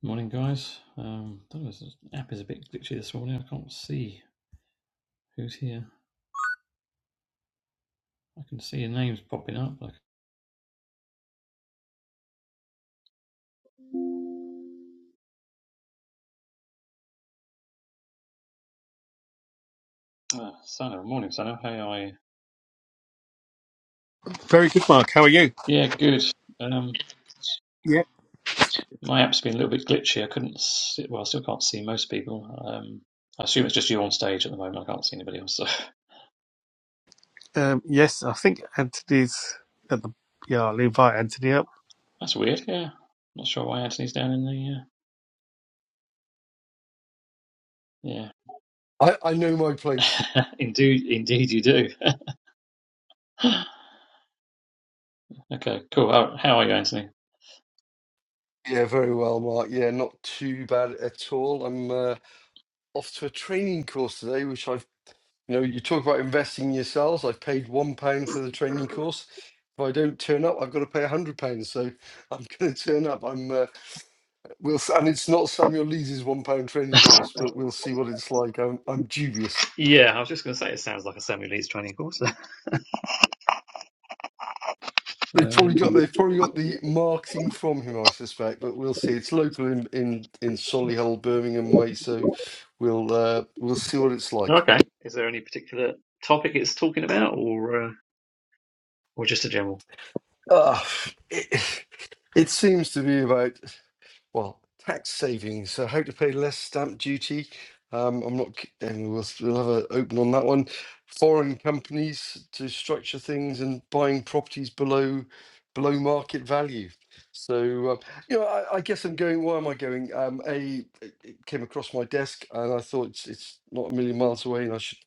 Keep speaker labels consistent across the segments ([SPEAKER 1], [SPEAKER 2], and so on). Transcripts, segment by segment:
[SPEAKER 1] Morning, guys. Um, I don't know, this app is a bit glitchy this morning. I can't see who's here. I can see your names popping up. Like, uh, Sana, morning, Sana. How are you?
[SPEAKER 2] Very good, Mark. How are you?
[SPEAKER 1] Yeah, good. Um,
[SPEAKER 2] Yeah.
[SPEAKER 1] my app's been a little bit glitchy. I couldn't see, well, I still can't see most people. Um, I assume it's just you on stage at the moment. I can't see anybody else. So
[SPEAKER 2] Um, yes, I think Anthony's at the. Yeah, I'll invite Anthony up.
[SPEAKER 1] that's weird. Yeah, not sure why Anthony's down in the. Uh,
[SPEAKER 3] I, I know my place.
[SPEAKER 1] yeah, indeed, indeed, you do. okay, cool. How, how are you, Anthony?
[SPEAKER 3] Yeah, very well, Mark. Yeah, not too bad at all. I'm uh, off to a training course today, which I've, you know, you talk about investing in yourselves. I've paid one pound for the training course. If I don't turn up, I've got to pay a hundred pounds. So I'm going to turn up. I'm, uh, we'll, s- and it's not Samuel Lees's one pound training course, but we'll see what it's like. I'm, I'm dubious.
[SPEAKER 1] Yeah, I was just going to say it sounds like a Samuel Leeds training course.
[SPEAKER 3] They've
[SPEAKER 1] Uh,
[SPEAKER 3] probably got they've probably got the marketing from him, I suspect, but we'll see. It's local in in, in Solihull, Birmingham way, so we'll uh, we'll see what it's like.
[SPEAKER 1] Okay. Is there any particular topic it's talking about, or uh, or just a general?
[SPEAKER 3] Ah, it, it seems to be about. well, tax savings. So how to pay less stamp duty. Um, I'm not, ki- and we'll, we'll have an open on that one. Foreign companies to structure things and buying properties below below market value. So, uh, you know, I, I guess I'm going. Why am I going? Um, a, it it came across my desk, and I thought it's, it's not a million miles away, and I should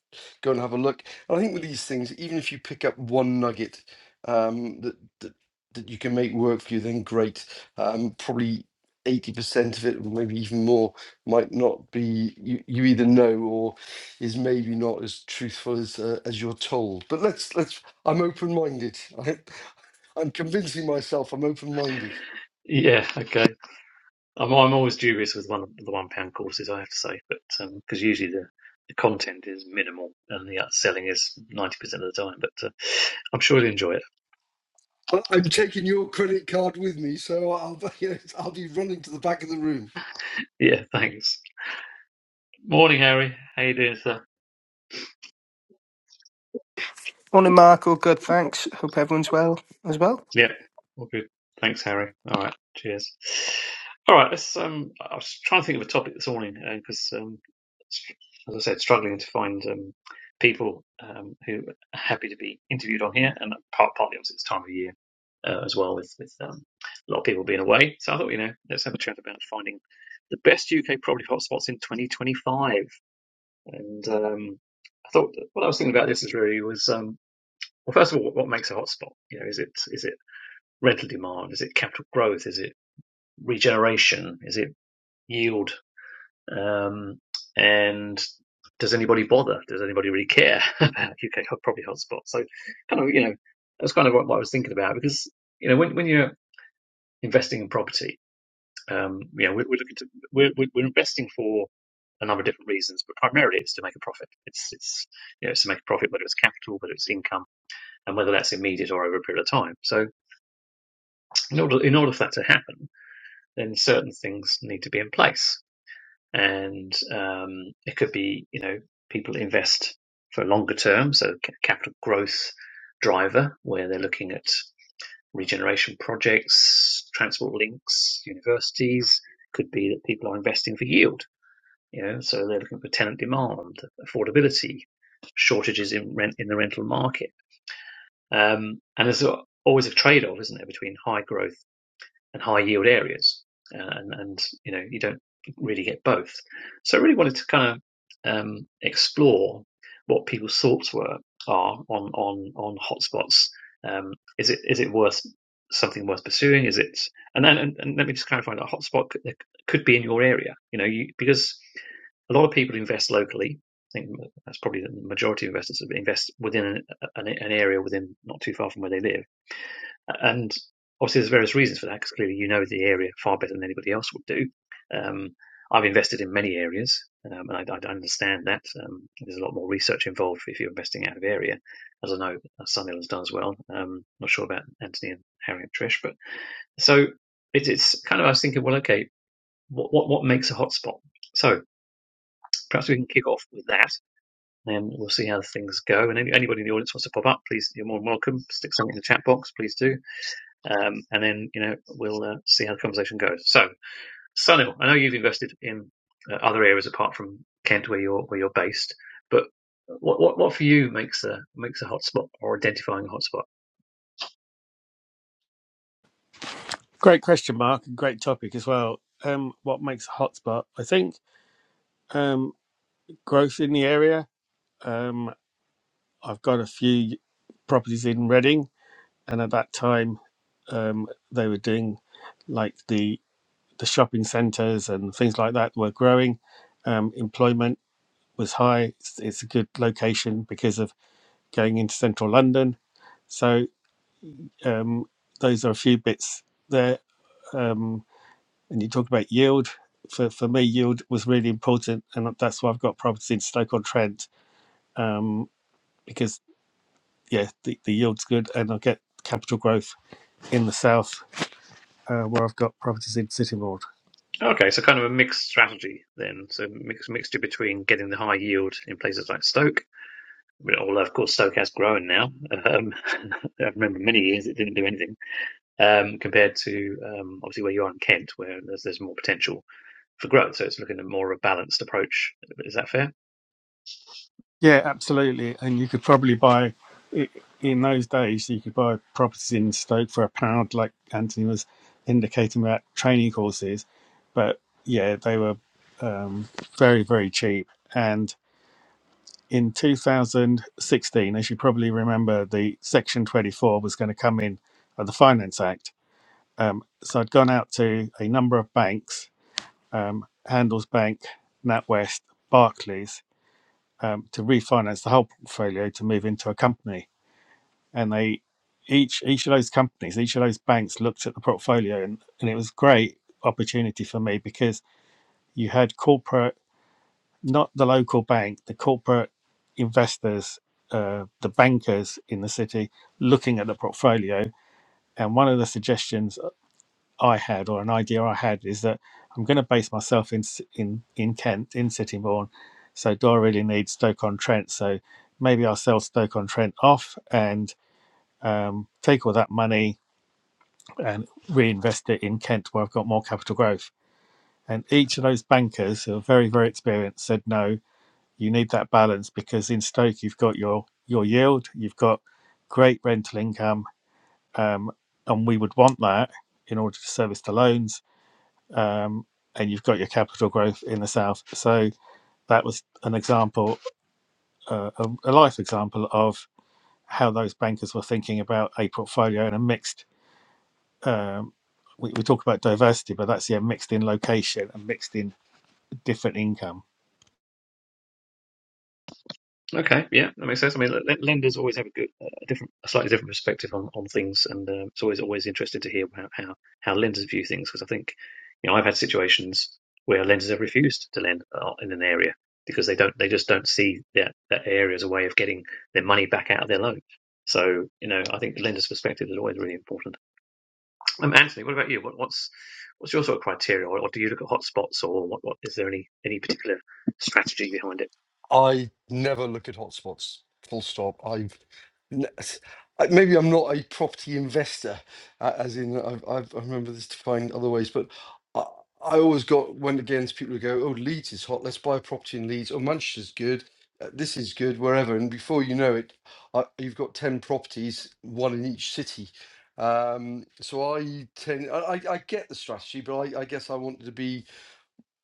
[SPEAKER 3] go and have a look. And I think with these things, even if you pick up one nugget um, that, that that you can make work for you, then great um, probably 80% of it, or maybe even more, might not be you, you either know or is maybe not as truthful as uh, as you're told. But let's let's. I'm open-minded. I, I'm convincing myself I'm open-minded.
[SPEAKER 1] Yeah. Okay. I'm I'm always dubious with one of the one pound courses, I have to say, but because usually the the content is minimal and the upselling is ninety percent of the time. But uh, I'm sure you'll enjoy it.
[SPEAKER 3] I, I'm taking your credit card with me, so I'll you know, I'll be running to the back of the room.
[SPEAKER 1] Yeah. Thanks. Morning, Harry. How you doing, sir?
[SPEAKER 4] Morning, Mark. All good, thanks. Hope everyone's well as well.
[SPEAKER 1] Yeah, All good. Thanks, Harry. All right. Cheers. All right. Let's. Um, I was trying to think of a topic this morning because, um, str- as I said, struggling to find um, people um, who are happy to be interviewed on here, and part, partly obviously it's time of year uh, as well, with with um, a lot of people being away. So I thought, you know, let's have a chat about finding the best UK property hotspots in 2025. And um, I thought that what I was thinking about this is really was um, well, first of all, what, what makes a hotspot? You know, is it is it rental demand? Is it capital growth? Is it regeneration? Is it yield? Um, and does anybody bother? Does anybody really care about UK property hotspots? So, kind of, you know, that's kind of what, what I was thinking about because you know when when you're investing in property, um, you know, we're, we're looking to we're we're we're investing for a number of different reasons, but primarily it's to make a profit. It's it's you know it's to make a profit, whether it's capital, whether it's income, and whether that's immediate or over a period of time. So in order in order for that to happen then certain things need to be in place. And um, it could be, you know, people invest for longer term, so capital growth driver, where they're looking at regeneration projects, transport links, universities. Could be that people are investing for yield, you know, so they're looking for tenant demand, affordability, shortages in rent in the rental market. Um, and there's always a trade-off, isn't there, between high growth and high yield areas. Uh, and, and, you know, you don't really get both. So I really wanted to kind of um, explore what people's thoughts were are on on on hotspots. Um, is it is it worth something worth pursuing? Is it and then and, and let me just clarify that a hotspot could, could be in your area. You know, you, because a lot of people invest locally. I think that's probably the majority of investors invest within an, an, an area within not too far from where they live and obviously, there's various reasons for that because clearly you know the area far better than anybody else would do. Um, I've invested in many areas, um, and I, I understand that um, there's a lot more research involved if you're investing out of area, as I know Sunil has done as well. Um, not sure about Anthony and Harry and Trish, but so it, it's kind of I was thinking, well, okay, what what, what makes a hotspot? So perhaps we can kick off with that, and we'll see how things go. And any, anybody in the audience wants to pop up, please, you're more than welcome. Stick something in the chat box, please do um, and then you know we'll uh, see how the conversation goes. So, Sunil, I know you've invested in uh, other areas apart from Kent, where you're where you're based, but what what, what for you makes a makes a hotspot or identifying a hotspot?
[SPEAKER 2] Great question, Mark, and great topic as well. Um, what makes a hotspot? I think um, growth in the area. Um, I've got a few properties in Reading, and at that time, um, they were doing like the the shopping centres and things like that were growing. Um, employment was high. It's, it's a good location because of going into central London. So Um, those are a few bits there. Um, and you talk about yield. For, for me, yield was really important, and that's why I've got properties in Stoke on Trent um, because yeah, the, the yield's good, and I get capital growth in the south uh, where I've got properties in Sittingbourne.
[SPEAKER 1] Okay, so kind of a mixed strategy then. So mix mixture between getting the high yield in places like Stoke, although of course Stoke has grown now. Um, I remember many years it didn't do anything um, compared to um, obviously where you are in Kent, where there's there's more potential for growth. So it's looking at more of a balanced approach. Is that fair?
[SPEAKER 2] Yeah, absolutely. And you could probably buy i- in those days. You could buy properties in Stoke for a pound, like Anthony was indicating about training courses. But yeah, they were um, very, very cheap. And in 2016, as you probably remember, the Section 24 was going to come in, uh, the Finance Act. Um, so I'd gone out to a number of banks, um, Handels Bank, NatWest, Barclays, um, to refinance the whole portfolio to move into a company. And they each each of those companies, each of those banks looked at the portfolio, and, and it was a great opportunity for me because you had corporate, not the local bank, the corporate investors, uh, the bankers in the city looking at the portfolio. And one of the suggestions I had or an idea I had is that I'm going to base myself in si-, in in Kent in Sittingbourne, so do I really need Stoke on Trent? So maybe I'll sell Stoke on Trent off and um, take all that money and reinvest it in Kent where I've got more capital growth. And each of those bankers who are very very experienced said no, you need that balance because in Stoke you've got your your yield, you've got great rental income, um, and we would want that in order to service the loans um, and you've got your capital growth in the south. So that was an example, uh, a, a life example of how those bankers were thinking about a portfolio and a mixed. Um, we, we talk about diversity, but that's yeah, mixed in location and mixed in different income.
[SPEAKER 1] Okay, yeah, that makes sense. I mean, l- l- lenders always have a good, uh, a different, a slightly different perspective on, on things, and um, it's always always interesting to hear how how, how lenders view things because I think, you know, I've had situations where lenders have refused to lend uh, in an area because they don't, they just don't see that that area as a way of getting their money back out of their loan. So, you know, I think the lender's perspective is always really important. Um, Anthony, what about you? What, what's what's your sort of criteria, or, or do you look at hotspots, or what, what is there any any particular strategy behind it?
[SPEAKER 3] I never look at hotspots. Full stop. I've n- I- maybe I'm not a property investor, a- as in I've, I've I remember this defined other ways, but I, I always got went against people who go, "Oh, Leeds is hot. Let's buy a property in Leeds. Oh, Manchester's good. uh, This is good. Wherever." And before you know it, I, you've got ten properties, one in each city. Um, so I tend I, I I get the strategy, but I, I guess I wanted to be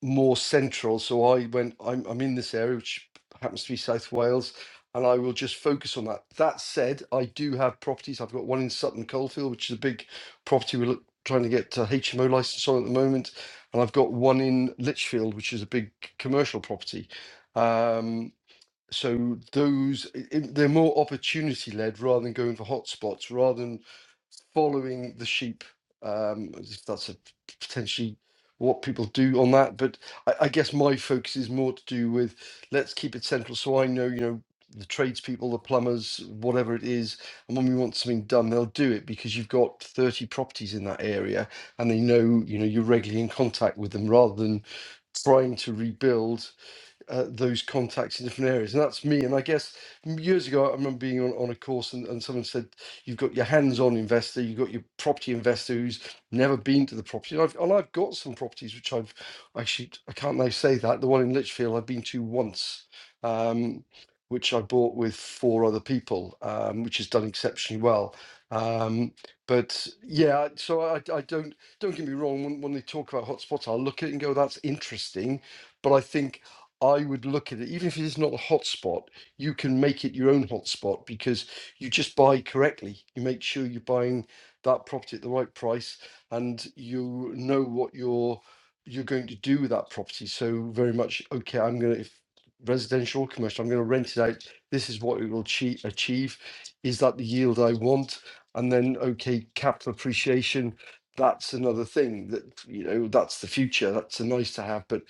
[SPEAKER 3] more central. So I went, I'm, I'm in this area, which happens to be South Wales, and I will just focus on that. That said, I do have properties. I've got one in Sutton Coldfield, which is a big property we're look, trying to get a HMO license on at the moment. And I've got one in Lichfield, which is a big commercial property. Um, so those i- i- they're more opportunity led rather than going for hotspots, rather than following the sheep. Um, as if that's a potentially what people do on that, but I, I guess my focus is more to do with let's keep it central, so I know you know the tradespeople, the plumbers, whatever it is, and when we want something done, they'll do it because you've got thirty properties in that area, and they know you know you're regularly in contact with them rather than trying to rebuild uh, those contacts in different areas. And that's me. And I guess m- years ago, I remember being on, on a course and, and someone said, You've got your hands on investor, you've got your property investor who's never been to the property. And I've, and I've got some properties which I've actually, I can't now say that. The one in Lichfield I've been to once. Um, which I bought with four other people, um, which has done exceptionally well. Um, but yeah, so I, I don't don't get me wrong. When, when they talk about hotspots, I'll look at it and go, "That's interesting," but I think I would look at it, even if it is not a hotspot, you can make it your own hotspot because you just buy correctly. You make sure you're buying that property at the right price and you know what you're you're going to do with that property. So very much, okay, I'm gonna if residential or commercial, I'm gonna rent it out. This is what it will achieve achieve. Is that the yield I want? And then okay, capital appreciation. That's another thing that you know, that's the future. That's a nice to have, but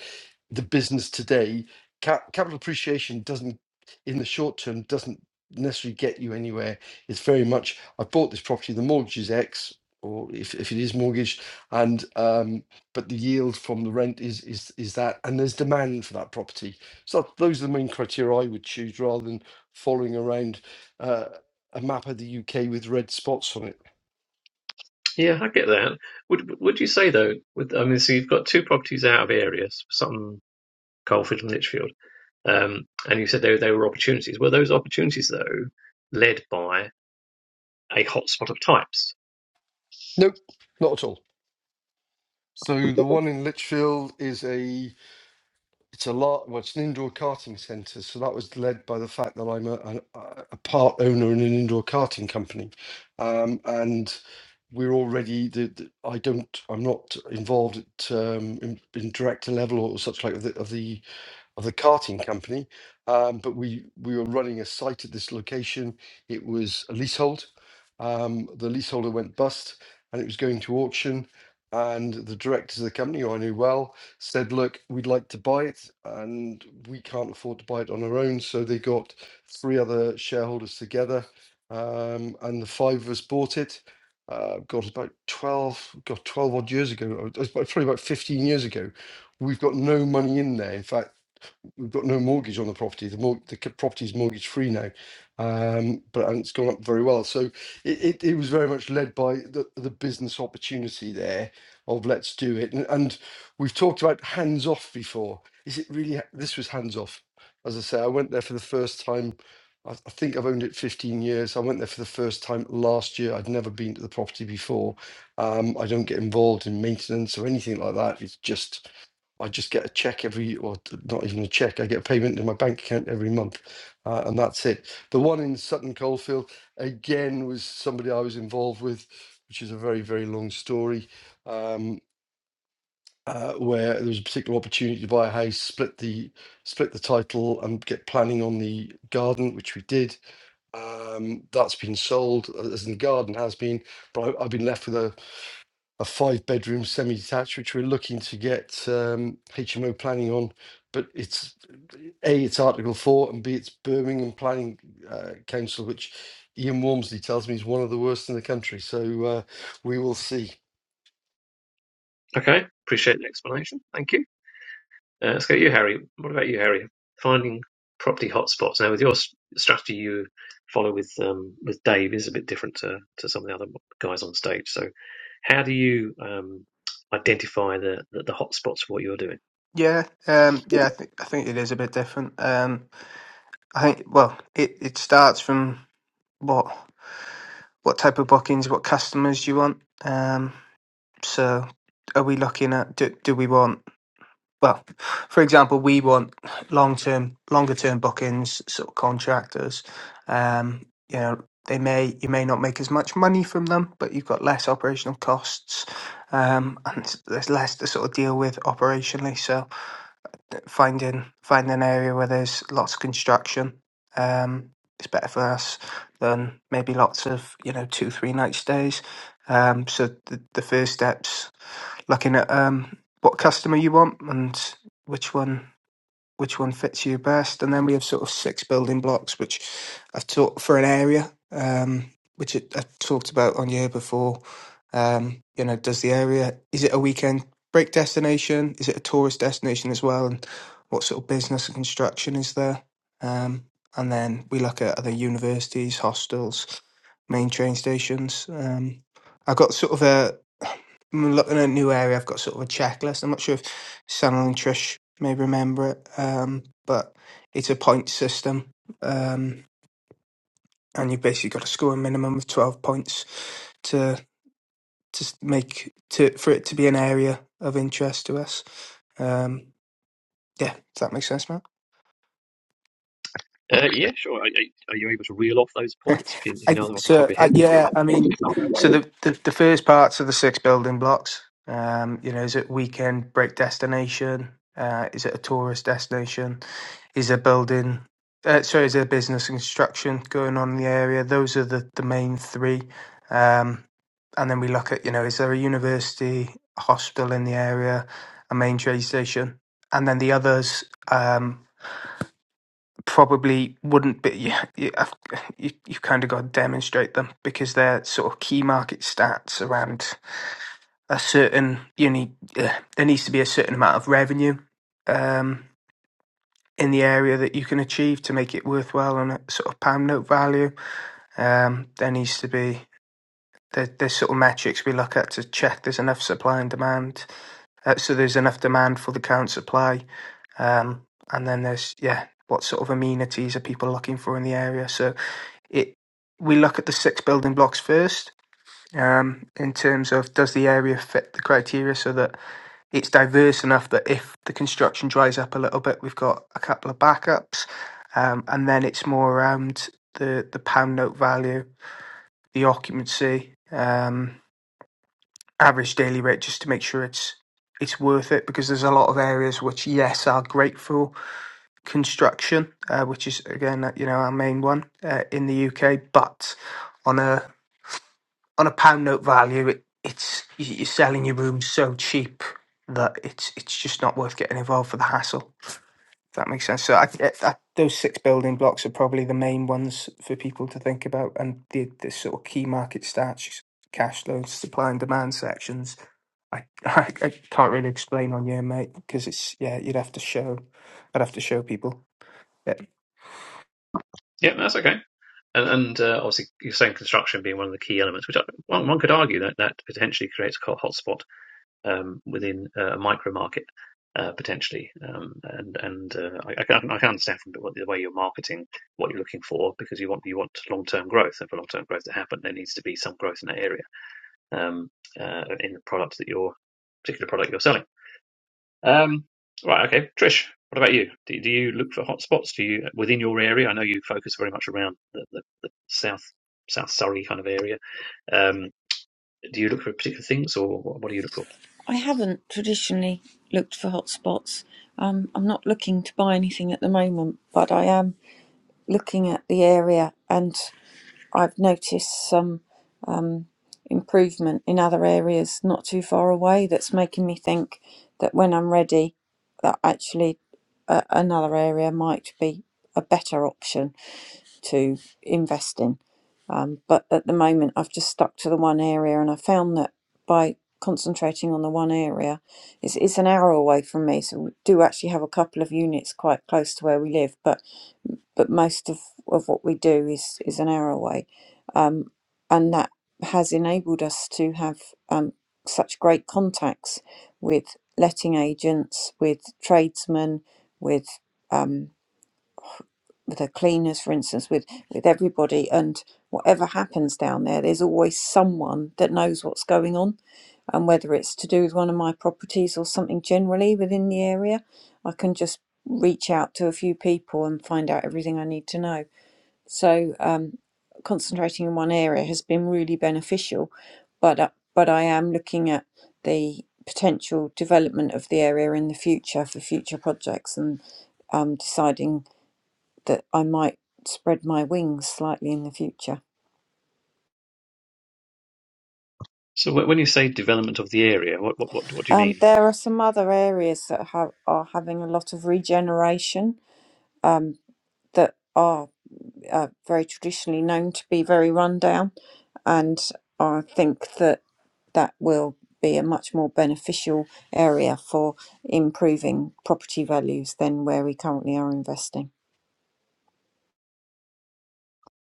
[SPEAKER 3] the business today, ca- capital appreciation doesn't, in the short term, doesn't necessarily get you anywhere. It's very much, I bought this property, the mortgage is X, or if, if it is mortgaged, and um, but the yield from the rent is is is that, and there's demand for that property. So those are the main criteria I would choose rather than following around uh, a map of the UK with red spots on it.
[SPEAKER 1] Yeah, I get that. Would would you say though? With, I mean, so you've got two properties out of areas, Sutton, Coalfield, and Lichfield, um, and you said they they were opportunities. Were those opportunities though led by a hotspot of types?
[SPEAKER 3] Nope, not at all. So the one in Lichfield is a it's a lot. Well, it's an indoor karting centre, so that was led by the fact that I'm a, a, a part owner in an indoor karting company, um, and we're already. The, the, I don't. I'm not involved at, um, in, in director level or such like of the, of the of the karting company. Um, but we we were running a site at this location. It was a leasehold. Um, the leaseholder went bust, and it was going to auction. And the directors of the company, who I knew well, said, "Look, we'd like to buy it, and we can't afford to buy it on our own." So they got three other shareholders together, um, and the five of us bought it. Uh, God, about twelve, got twelve odd years ago. It probably about fifteen years ago. We've got no money in there. In fact we've got no mortgage on the property. The, mor- the c- property is mortgage free now, um, but and it's gone up very well. So it, it, it was very much led by the, the business opportunity there of let's do it. And, and we've talked about hands off before. Is it really? ha- This was hands off. As I say, I went there for the first time. I I think I've owned it 15 years. I went there for the first time last year. I'd never been to the property before. Um, I don't get involved in maintenance or anything like that. It's just I just get a check every, or t- not even a check, I get a payment in my bank account every month, uh, and that's it. The one in Sutton Coldfield, again, was somebody I was involved with, which is a very, very long story, um, uh, where there was a particular opportunity to buy a house, split the split the title, and get planning on the garden, which we did. Um, that's been sold, uh, as in the garden has been, but I, I've been left with a a five bedroom semi detached, which we're looking to get um, HMO planning on. But it's A, it's Article 4, and B, it's Birmingham Planning uh, Council, which Ian Walmsley tells me is one of the worst in the country. So uh, we will see.
[SPEAKER 1] Okay, appreciate the explanation. Thank you. Uh, let's go to you, Harry. What about you, Harry? Finding property hotspots. Now, with your s- strategy you follow with um, with Dave is a bit different to to some of the other guys on stage. So, how do you um, identify the, the the hotspots for what you're doing?
[SPEAKER 4] Yeah, um, yeah. I think I think it is a bit different. Um, I think well, it, it starts from what what type of bookings, what customers you want. Um, so are we looking at do, do we want well, for example, we want long term, longer term bookings, sort of contractors. Um, you know, they may you may not make as much money from them, but you've got less operational costs, um, and s- there's less to sort of deal with operationally. So finding finding an area where there's lots of construction, um, is better for us than maybe lots of you know two three night stays. Um, so the, the first steps looking at um, what customer you want and which one which one fits you best. And then we have sort of six building blocks, which I've taught for an area, um, which I I talked about on year before. Um, you know, does the area, is it a weekend break destination? Is it a tourist destination as well? And what sort of business and construction is there? Um, and then we look at other universities, hostels, main train stations. Um, I've got sort of a, I'm looking at a new area. I've got sort of a checklist. I'm not sure if Sam and Trish may remember it, um, but it's a point system, um, and you've basically got to score a minimum of twelve points to to s- make to for it to be an area of interest to us. Um, yeah, does that make sense, man?
[SPEAKER 1] Uh, yeah, sure. Are, are you able to reel off those points if you, if you
[SPEAKER 4] I,
[SPEAKER 1] know them off the top
[SPEAKER 4] so
[SPEAKER 1] of your
[SPEAKER 4] I,
[SPEAKER 1] head?
[SPEAKER 4] yeah, I mean, so the, the the first parts of the six building blocks, um, you know, is it weekend break destination? Uh, is it a tourist destination? is a building, uh, sorry, is a business construction going on in the area. Those are the, the main three. Um, and then we look at, you know, is there a university, a hospital in the area, a main trade station? And then the others um, probably wouldn't be, you, you, you, you've kind of got to demonstrate them because they're sort of key market stats around a certain, you need, uh, there needs to be a certain amount of revenue. Um, in the area that you can achieve to make it worthwhile on a sort of pound note value. Um, there needs to be there, there's sort of metrics we look at to check there's enough supply and demand, uh, so there's enough demand for the current supply, um, and then there's yeah, what sort of amenities are people looking for in the area? So it we look at the six building blocks first. Um, in terms of does the area fit the criteria so that it's diverse enough that if the construction dries up a little bit, we've got a couple of backups, um, and then it's more around the the pound note value, the occupancy, um, average daily rate, just to make sure it's it's worth it because there's a lot of areas which yes are great for construction, uh, which is again uh, you know our main one uh, in the UK, but on a on a pound note value, it, it's you're selling your rooms so cheap that it's it's just not worth getting involved for the hassle. If That makes sense. So I, I, I- those six building blocks are probably the main ones for people to think about, and the, the sort of key market stats, cash flows, supply and demand sections. I, I, I can't really explain on you, mate, because it's yeah, you'd have to show, I'd have to show people. Yeah,
[SPEAKER 1] Yeah, that's okay. And, and uh, obviously, you're saying construction being one of the key elements, which I, one, one could argue that that potentially creates a hot- hotspot um, within uh, a micro market, uh, potentially. Um, and and uh, I, I can I can understand from the way you're marketing what you're looking for because you want you want long term growth, and for long term growth to happen, there needs to be some growth in that area um, uh, in the product that you're particular product you're selling. Um, right, okay. Trish, what about you? Do, do you look for hotspots? Do you within your area? I know you focus very much around the, the, the South South Surrey kind of area. Um, do you look for particular things, or what, what do you look for?
[SPEAKER 5] I haven't traditionally looked for hotspots. Um, I'm not looking to buy anything at the moment, but I am looking at the area and I've noticed some improvement in other areas not too far away that's making me think that when I'm ready, that actually uh, another area might be a better option to invest in. Um, but at the moment, I've just stuck to the one area, and I found that by concentrating on the one area, it's, it's an hour away from me. So we do actually have a couple of units quite close to where we live, but but most of, of what we do is is an hour away, um, and that has enabled us to have um, such great contacts with letting agents, with tradesmen, with um, with the cleaners, for instance, with with everybody, and whatever happens down there, there's always someone that knows what's going on, and whether it's to do with one of my properties or something generally within the area, I can just reach out to a few people and find out everything I need to know. So um, concentrating in one area has been really beneficial, but uh, but I am looking at the potential development of the area in the future for future projects and um, deciding that I might spread my wings slightly in the future.
[SPEAKER 1] So wh- when you say development of the area, what, what what what do you
[SPEAKER 5] Um,
[SPEAKER 1] mean?
[SPEAKER 5] there are some other areas that have, are having a lot of regeneration um, that are uh, very traditionally known to be very rundown, and I think that that will be a much more beneficial area for improving property values than where we currently are investing.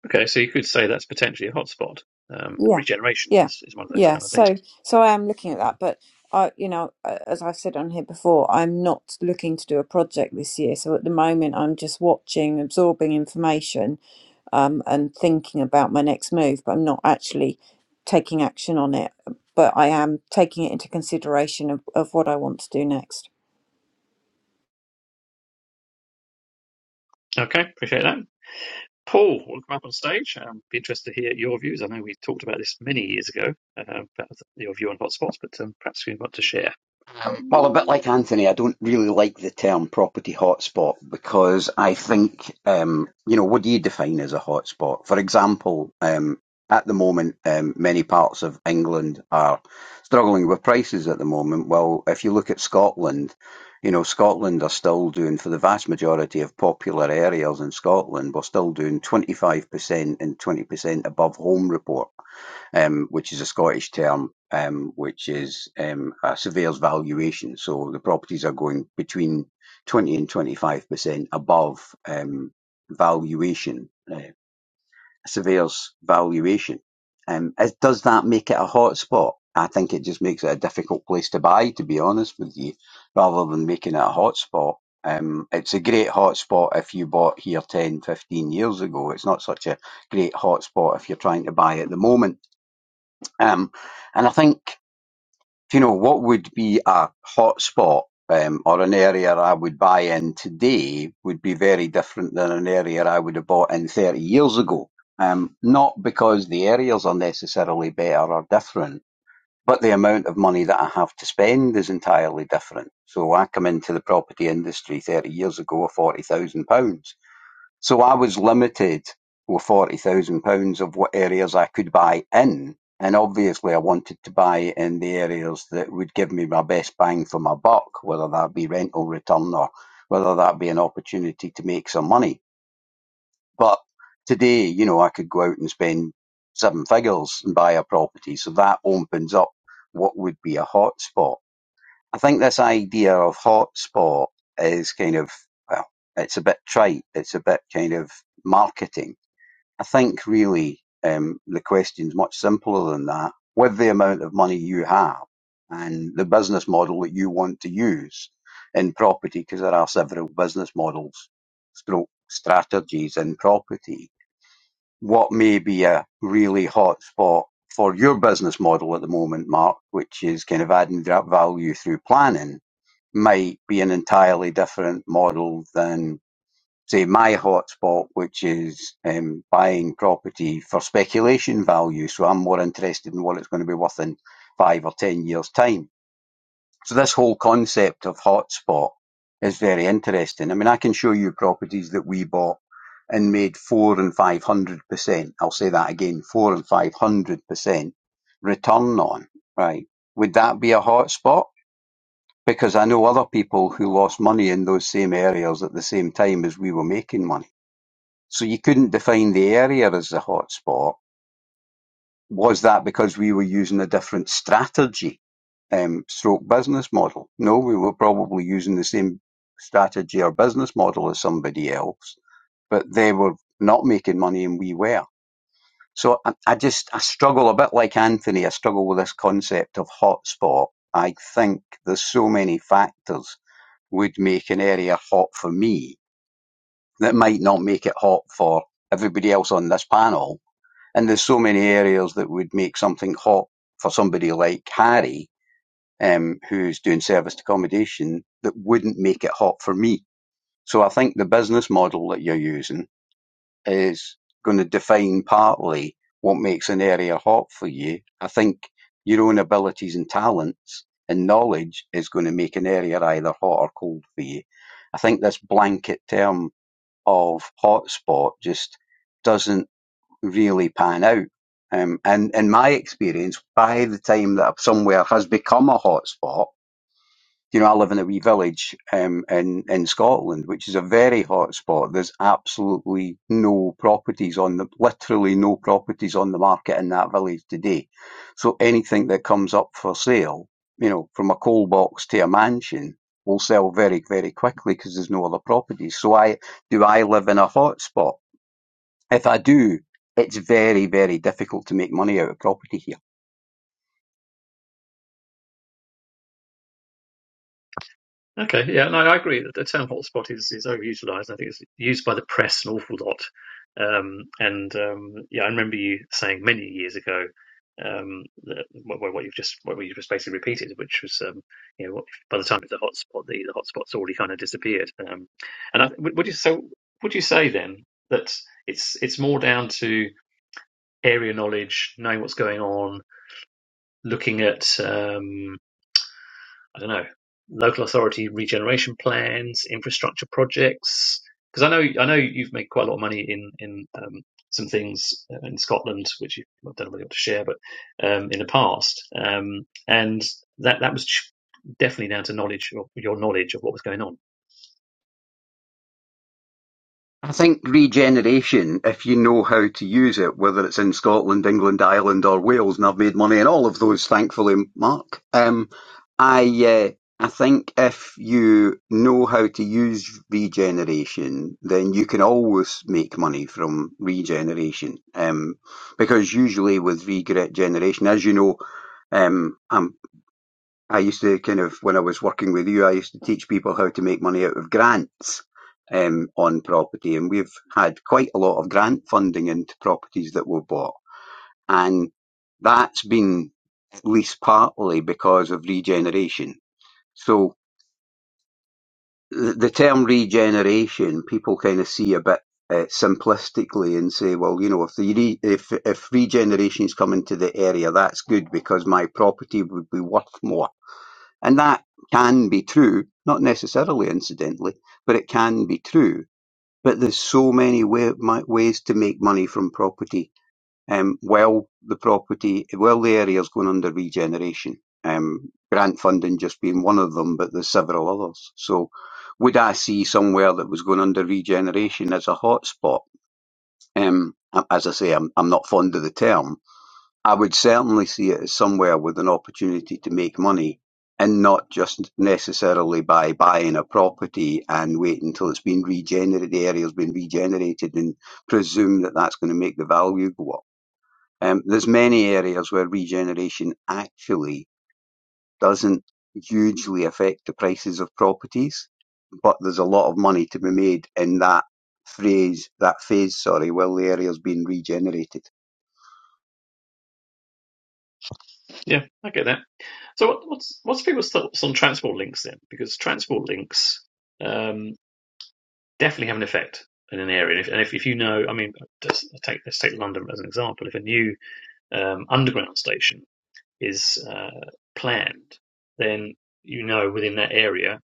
[SPEAKER 1] Okay, so you could say that's potentially a hotspot. Um,
[SPEAKER 5] Yeah,
[SPEAKER 1] regeneration
[SPEAKER 5] yeah,
[SPEAKER 1] is, is one of those
[SPEAKER 5] yeah.
[SPEAKER 1] kind of things.
[SPEAKER 5] So, so I am looking at that, but I, you know, a- as I've said on here before, I'm not looking to do a project this year. So at the moment, I'm just watching, absorbing information, um, and thinking about my next move. But I'm not actually taking action on it. But I am taking it into consideration of, of what I want to do next.
[SPEAKER 1] Okay, appreciate that. Paul, welcome up on stage. Um, be interested to hear your views. I know we talked about this many years ago uh, about your view on hotspots, but um, perhaps you want to share.
[SPEAKER 6] Um, Well, a bit like Anthony, I don't really like the term property hotspot because I think, um, you know, what do you define as a hotspot? For example, um, at the moment, um, many parts of England are struggling with prices at the moment. Well, if you look at Scotland, you know, Scotland are still doing, for the vast majority of popular areas in Scotland, we're still doing 25% and 20% above home report um, which is a Scottish term, um, which is um, a surveyor's valuation. So the properties are going between 20 and 25% above um, valuation, uh, a surveyor's valuation. Um, does that make it a hotspot? I think it just makes it a difficult place to buy, to be honest with you, rather than making it a hotspot. Um, it's a great hotspot if you bought here 10, 15 years ago. It's not such a great hotspot if you're trying to buy at the moment um, and I think, you know, what would be a hot spot um, or an area I would buy in today would be very different than an area I would have bought in 30 years ago. Um, not because the areas are necessarily better or different, but the amount of money that I have to spend is entirely different. So I come into the property industry 30 years ago with £40,000 so I was limited with forty thousand pounds of what areas I could buy in, and obviously I wanted to buy in the areas that would give me my best bang for my buck, whether that be rental return or whether that be an opportunity to make some money. But today, you know, I could go out and spend seven figures and buy a property, so that opens up what would be a hot spot. I think this idea of hotspot is kind of, well, it's a bit trite. It's a bit kind of marketing. I think really um, the question's much simpler than that. With the amount of money you have and the business model that you want to use in property, because there are several business models, stroke strategies in property, what may be a really hot spot for your business model at the moment, Mark, which is kind of adding value through planning might be an entirely different model than, say, my hotspot, which is um, buying property for speculation value. So I'm more interested in what it's going to be worth in five or 10 years' time. So this whole concept of hotspot is very interesting. I mean, I can show you properties that we bought and made four and 500%. I'll say that again, four and 500% return on, right? Would that be a hotspot? Because I know other people who lost money in those same areas at the same time as we were making money. So you couldn't define the area as the hotspot. Was that because we were using a different strategy, um, stroke business model? No, we were probably using the same strategy or business model as somebody else but they were not making money and we were. So I, I just I struggle a bit like Anthony. I struggle with this concept of hotspot. I think there's so many factors would make an area hot for me that might not make it hot for everybody else on this panel. And there's so many areas that would make something hot for somebody like Harry, um, who's doing serviced accommodation, that wouldn't make it hot for me. So I think the business model that you're using is going to define partly what makes an area hot for you. I think your own abilities and talents and knowledge is going to make an area either hot or cold for you. I think this blanket term of hotspot just doesn't really pan out. Um, and in my experience, by the time that somewhere has become a hotspot, you know, I live in a wee village um, in in Scotland, which is a very hot spot. There's absolutely no properties on the, literally no properties on the market in that village today. So anything that comes up for sale, you know, from a coal box to a mansion, will sell very very quickly because there's no other properties. So I do I live in a hot spot? If I do, it's very very difficult to make money out of property here
[SPEAKER 1] Okay, yeah, and I agree that the term hotspot is, is overutilized. I think it's used by the press an awful lot. Um, and um, yeah, I remember you saying many years ago um, that what, what you've just what you just basically repeated, which was um, you know what- by the time it's a hotspot, the, the hotspot's already kind of disappeared. Um, and I, would would you so would you say then that it's it's more down to area knowledge, knowing what's going on, looking at um, I don't know, local authority regeneration plans, infrastructure projects? Because I know I know you've made quite a lot of money in in um, some things uh, in Scotland, which you, I don't know whether want to share, but um, in the past, um, and that that was definitely down to knowledge or your knowledge of what was going on.
[SPEAKER 6] I think regeneration, if you know how to use it, whether it's in Scotland, England, Ireland, or Wales, and I've made money in all of those, thankfully, Mark. Um, I uh, I think if you know how to use regeneration, then you can always make money from regeneration. Um, because usually with regeneration, as you know, um, I'm I used to kind of when I was working with you, I used to teach people how to make money out of grants um, on property, and we've had quite a lot of grant funding into properties that we've bought, and that's been at least partly because of regeneration. So the, the term regeneration, people kind of see a bit. Uh, simplistically, and say, well, you know, if the re- if if regeneration's come into the area, that's good because my property would be worth more and that can be true, not necessarily incidentally, but it can be true. But there's so many wa- ma- ways to make money from property um, while the property, while the area is going under regeneration. Um, grant funding just being one of them, but there's several others. So would I see somewhere that was going under regeneration as a hotspot? Um, as I say, I'm, I'm not fond of the term, I would certainly see it as somewhere with an opportunity to make money and not just necessarily by buying a property and wait until it's been regenerated, the area's been regenerated and presume that that's going to make the value go up. Um, there's many areas where regeneration actually doesn't hugely affect the prices of properties, but there's a lot of money to be made in that phrase, that phase, sorry, while the area's been regenerated.
[SPEAKER 1] Yeah, I get that. So what, what's what's people's thoughts on transport links then? Because transport links um, definitely have an effect in an area, and if, and if, if you know, I mean, just take let's take London as an example. If a new um, underground station is uh, planned, then you know within that area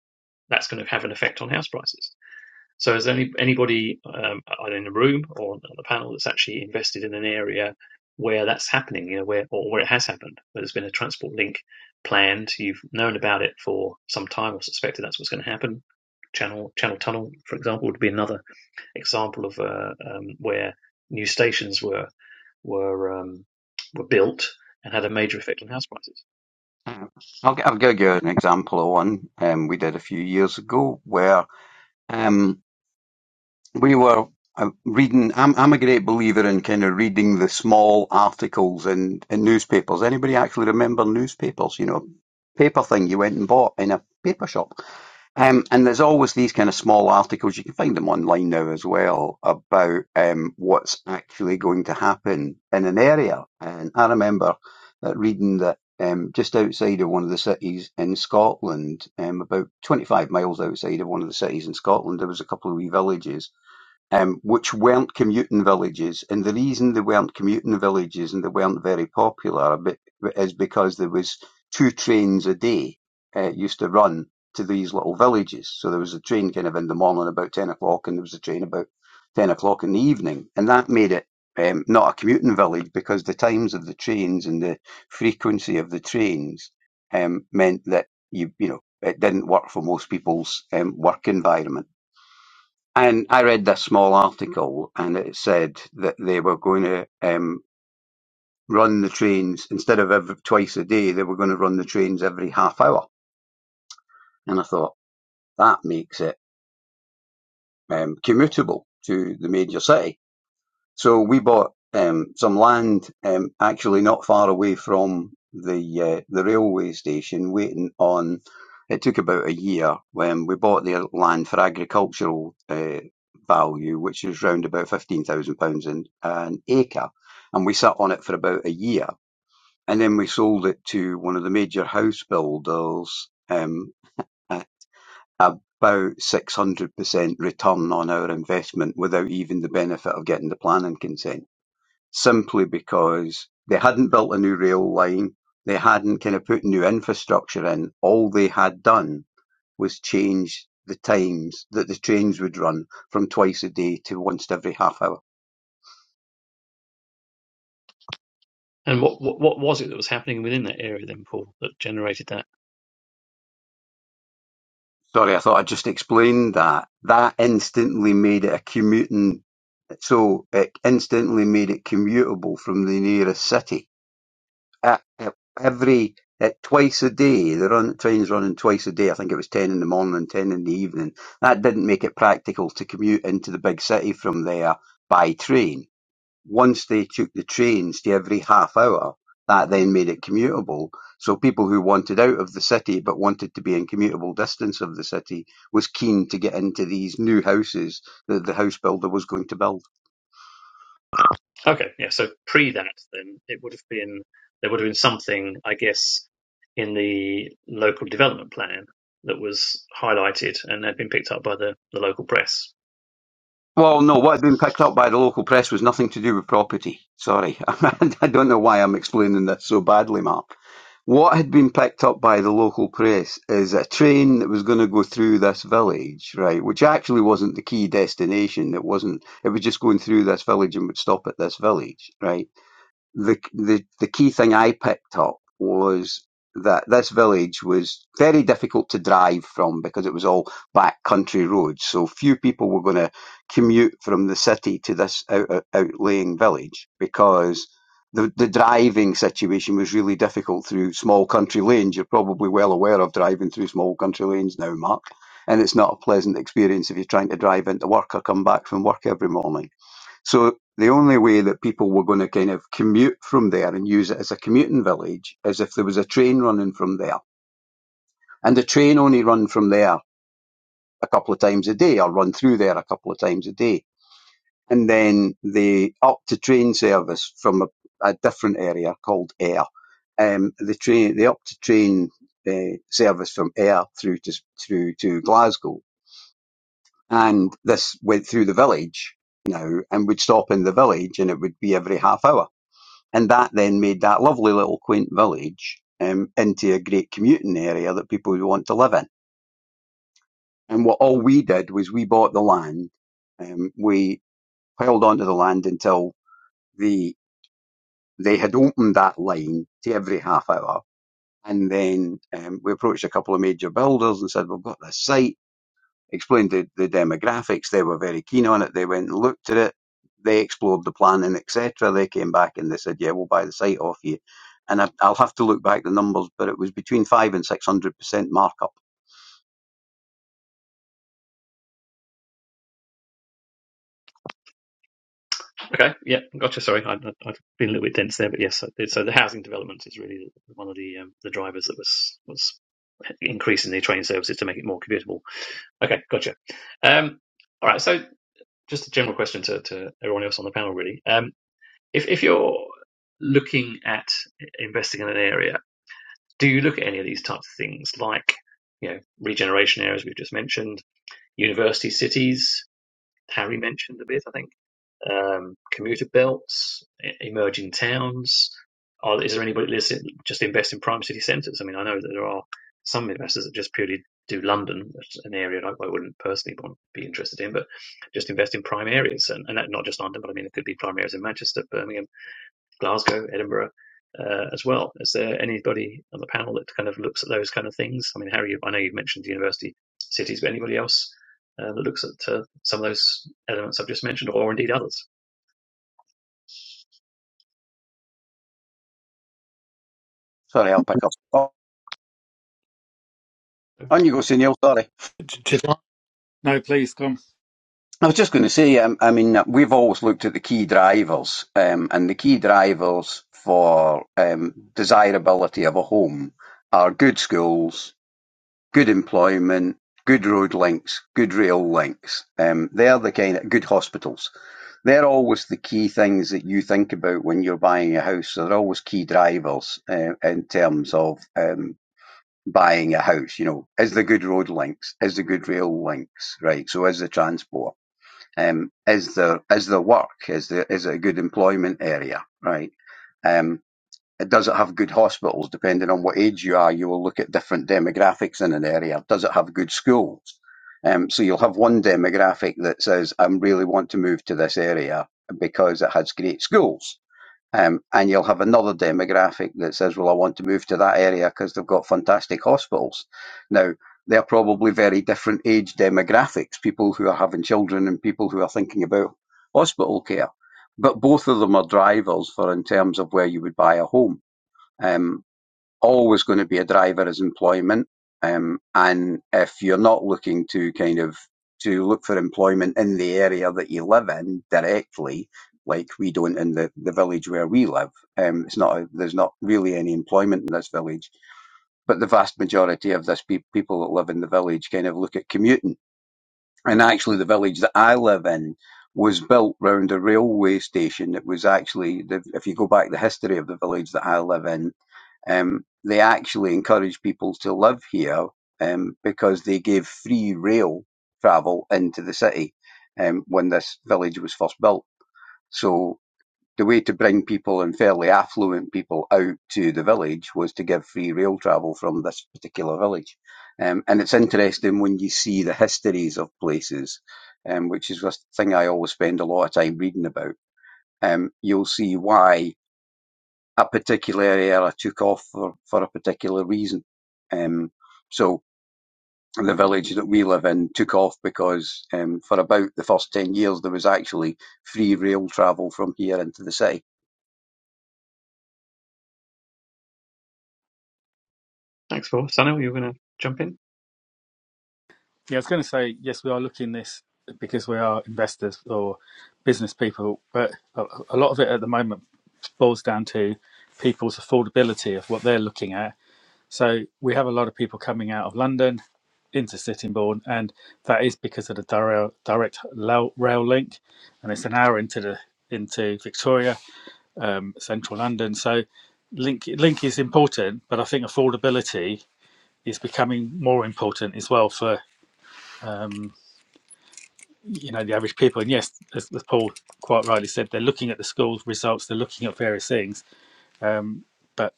[SPEAKER 1] that's going to have an effect on house prices. So is there any, anybody um, either in the room or on the panel that's actually invested in an area where that's happening, you know, where or where it has happened, where there's been a transport link planned, you've known about it for some time or suspected that's what's going to happen. Channel Channel Tunnel, for example, would be another example of uh, um, where new stations were were um, were built and had a major effect on house prices.
[SPEAKER 6] Uh, I'll, g- I'll give you an example of one um, we did a few years ago where um, we were uh, reading. I'm, I'm a great believer in kind of reading the small articles in, in newspapers. Anybody actually remember newspapers? You know, paper thing you went and bought in a paper shop. Um, and there's always these kind of small articles, you can find them online now as well, about um, what's actually going to happen in an area. And I remember uh, reading that um, just outside of one of the cities in Scotland, um, about 25 miles outside of one of the cities in Scotland, there was a couple of wee villages um, which weren't commuting villages. And the reason they weren't commuting villages and they weren't very popular is because there was two trains a day uh, used to run to these little villages. So there was a train kind of in the morning about 10 o'clock and there was a train about 10 o'clock in the evening. And that made it um, not a commuting village because the times of the trains and the frequency of the trains um, meant that you, you know, it didn't work for most people's um, work environment. And I read this small article, and it said that they were going to um, run the trains instead of every, twice a day. They were going to run the trains every half hour, and I thought that makes it um, commutable to the major city. So we bought um, some land um, actually not far away from the uh, the railway station, waiting on. It took about a year when we bought the land for agricultural uh, value, which is round about fifteen thousand pounds an an acre, and we sat on it for about a year, and then we sold it to one of the major house builders. Um, at about 600% return on our investment without even the benefit of getting the planning consent simply because they hadn't built a new rail line, they hadn't kind of put new infrastructure in. All they had done was change the times that the trains would run from twice a day to once every half hour.
[SPEAKER 1] And what, what what was it that was happening within that area then, Paul, that generated that?
[SPEAKER 6] Sorry, I thought I just explained that. That instantly made it a commuting, so it instantly made it commutable from the nearest city at, at every at twice a day. The run trains running twice a day. I think it was ten in the morning and ten in the evening. That didn't make it practical to commute into the big city from there by train. Once they took the trains to every half hour, that then made it commutable. So people who wanted out of the city but wanted to be in commutable distance of the city was keen to get into these new houses that the house builder was going to build.
[SPEAKER 1] Okay, yeah. So pre that, then it would have been there would have been something, I guess, in the local development plan that was highlighted and had been picked up by the, the local press.
[SPEAKER 6] Well, no, what had been picked up by the local press was nothing to do with property. Sorry. I don't know why I'm explaining this so badly, Mark. What had been picked up by the local press is a train that was going to go through this village, right, which actually wasn't the key destination. It wasn't, it was just going through this village and would stop at this village, right? the the the key thing I picked up was that this village was very difficult to drive from because it was all back country roads. So few people were going to commute from the city to this out, outlying village because the the driving situation was really difficult through small country lanes. You're probably well aware of driving through small country lanes now, Mark. And it's not a pleasant experience if you're trying to drive into work or come back from work every morning. So the only way that people were going to kind of commute from there and use it as a commuting village is if there was a train running from there. And the train only run from there a couple of times a day or run through there a couple of times a day. And then they upped the train service from a, a different area called Ayr, Um, the train, they upped the train uh, service from Ayr through to, through to Glasgow. And this went through the village now and would stop in the village and it would be every half hour And that then made that lovely little quaint village um, into a great commuting area that people would want to live in. And what all we did was we bought the land. Um, we held onto the land until the they had opened that line to every half hour. And then um, we approached a couple of major builders and said, "We've got this site. explained the, the demographics. They were very keen on it. They went and looked at it. They explored the plan planning, etc. They came back and they said, "Yeah, we'll buy the site off you." And I, I'll have to look back the numbers, but it was between five and six hundred percent markup.
[SPEAKER 1] Okay, yeah, gotcha. Sorry, I, I- I've been a little bit dense there, but yes. So so the housing development is really one of the um, the drivers that was was increasing the train services to make it more commutable. Okay, gotcha. Um, all right. So just a general question to, to everyone else on the panel, really. Um, if if you're looking at investing in an area, do you look at any of these types of things, like you know regeneration areas we've just mentioned, university cities? Harry mentioned a bit, I think um, commuter belts, e- emerging towns? Are, is there anybody that just invest in prime city centres? I mean, I know that there are some investors that just purely do London, which is an area I wouldn't personally want to be interested in, but just invest in prime areas, and, and not just London, but I mean, it could be prime areas in Manchester, Birmingham, Glasgow, Edinburgh. Uh, as well, is there anybody on the panel that kind of looks at those kind of things? I mean, Harry, I know you've mentioned university cities, but anybody else uh, that looks at uh, some of those elements I've just mentioned, or indeed others?
[SPEAKER 6] Sorry, I'll pick up. Oh, on you go, Sunil. Sorry,
[SPEAKER 2] J- No, please come.
[SPEAKER 6] I was just going to say. Um, I mean, uh, we've always looked at the key drivers, um, and the key drivers for um, desirability of a home are good schools, good employment, good road links, good rail links. Um, they're the kind of good hospitals. They're always the key things that you think about when you're buying a house. So They're always key drivers uh, in terms of um, buying a house. You know, is the good road links? Is the good rail links? Right. So is the transport? Um, is the is the work? Is the is it a good employment area? Right. Um, it does it have good hospitals? Depending on what age you are, you will look at different demographics in an area. Does it have good schools? Um, so you'll have one demographic that says, I really want to move to this area because it has great schools. Um, and you'll have another demographic that says, well, I want to move to that area because they've got fantastic hospitals. Now, they're probably very different age demographics, people who are having children and people who are thinking about hospital care. But both of them are drivers for in terms of where you would buy a home. Um, always going to be a driver is employment. Um, and if you're not looking to kind of to look for employment in the area that you live in directly, like we don't in the, the village where we live, um, it's not a, there's not really any employment in this village. But the vast majority of this pe- people that live in the village kind of look at commuting. And actually, the village that I live in was built round a railway station. It was actually, the, if you go back the history of the village that I live in, um, they actually encourage people to live here um, because they gave free rail travel into the city um, when this village was first built. So the way to bring people and fairly affluent people out to the village was to give free rail travel from this particular village. Um, and it's interesting when you see the histories of places, um, which is a thing I always spend a lot of time reading about. Um, you'll see why a particular area took off for, for a particular reason. Um, so the village that we live in took off because um, for about the first 10 years there was actually free rail travel from here into the city.
[SPEAKER 1] Thanks, Paul. Sano, you were going to jump in?
[SPEAKER 2] Yeah, I was going to say yes, we are looking this because we are investors or business people, but a, a lot of it at the moment boils down to people's affordability of what they're looking at So we have a lot of people coming out of London into Sittingbourne, and that is because of the dire- direct lo- rail link, and it's an hour into the into Victoria, um, central London. So link link is important, but I think affordability is becoming more important as well for um, you know the average people. And yes, as, as Paul quite rightly said, they're looking at the schools results, they're looking at various things, but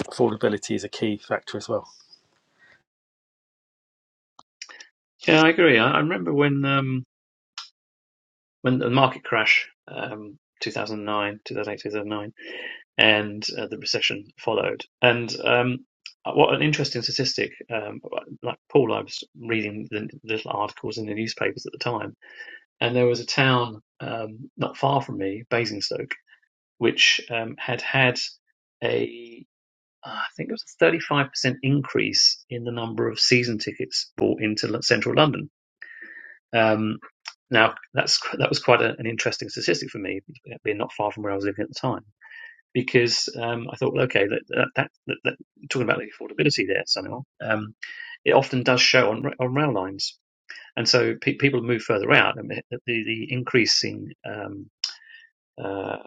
[SPEAKER 2] affordability is a key factor as well.
[SPEAKER 1] Yeah, I agree. I, I remember when um, when the market crash, um, 2009, 2008, 2009, and uh, the recession followed. And um, uh, what an interesting statistic! Um, like Paul, I was reading the little articles in the newspapers at the time, and there was a town um, not far from me, Basingstoke, which um, had had a uh, I think it was a 35% increase in the number of season tickets bought into central London Um, now that's that was quite a, an interesting statistic for me, being not far from where I was living at the time, because um, I thought, well, okay, that, that, that, that, talking about the affordability there somehow, um, it often does show on on rail lines, and so pe- people move further out, and the the increasing, um, uh,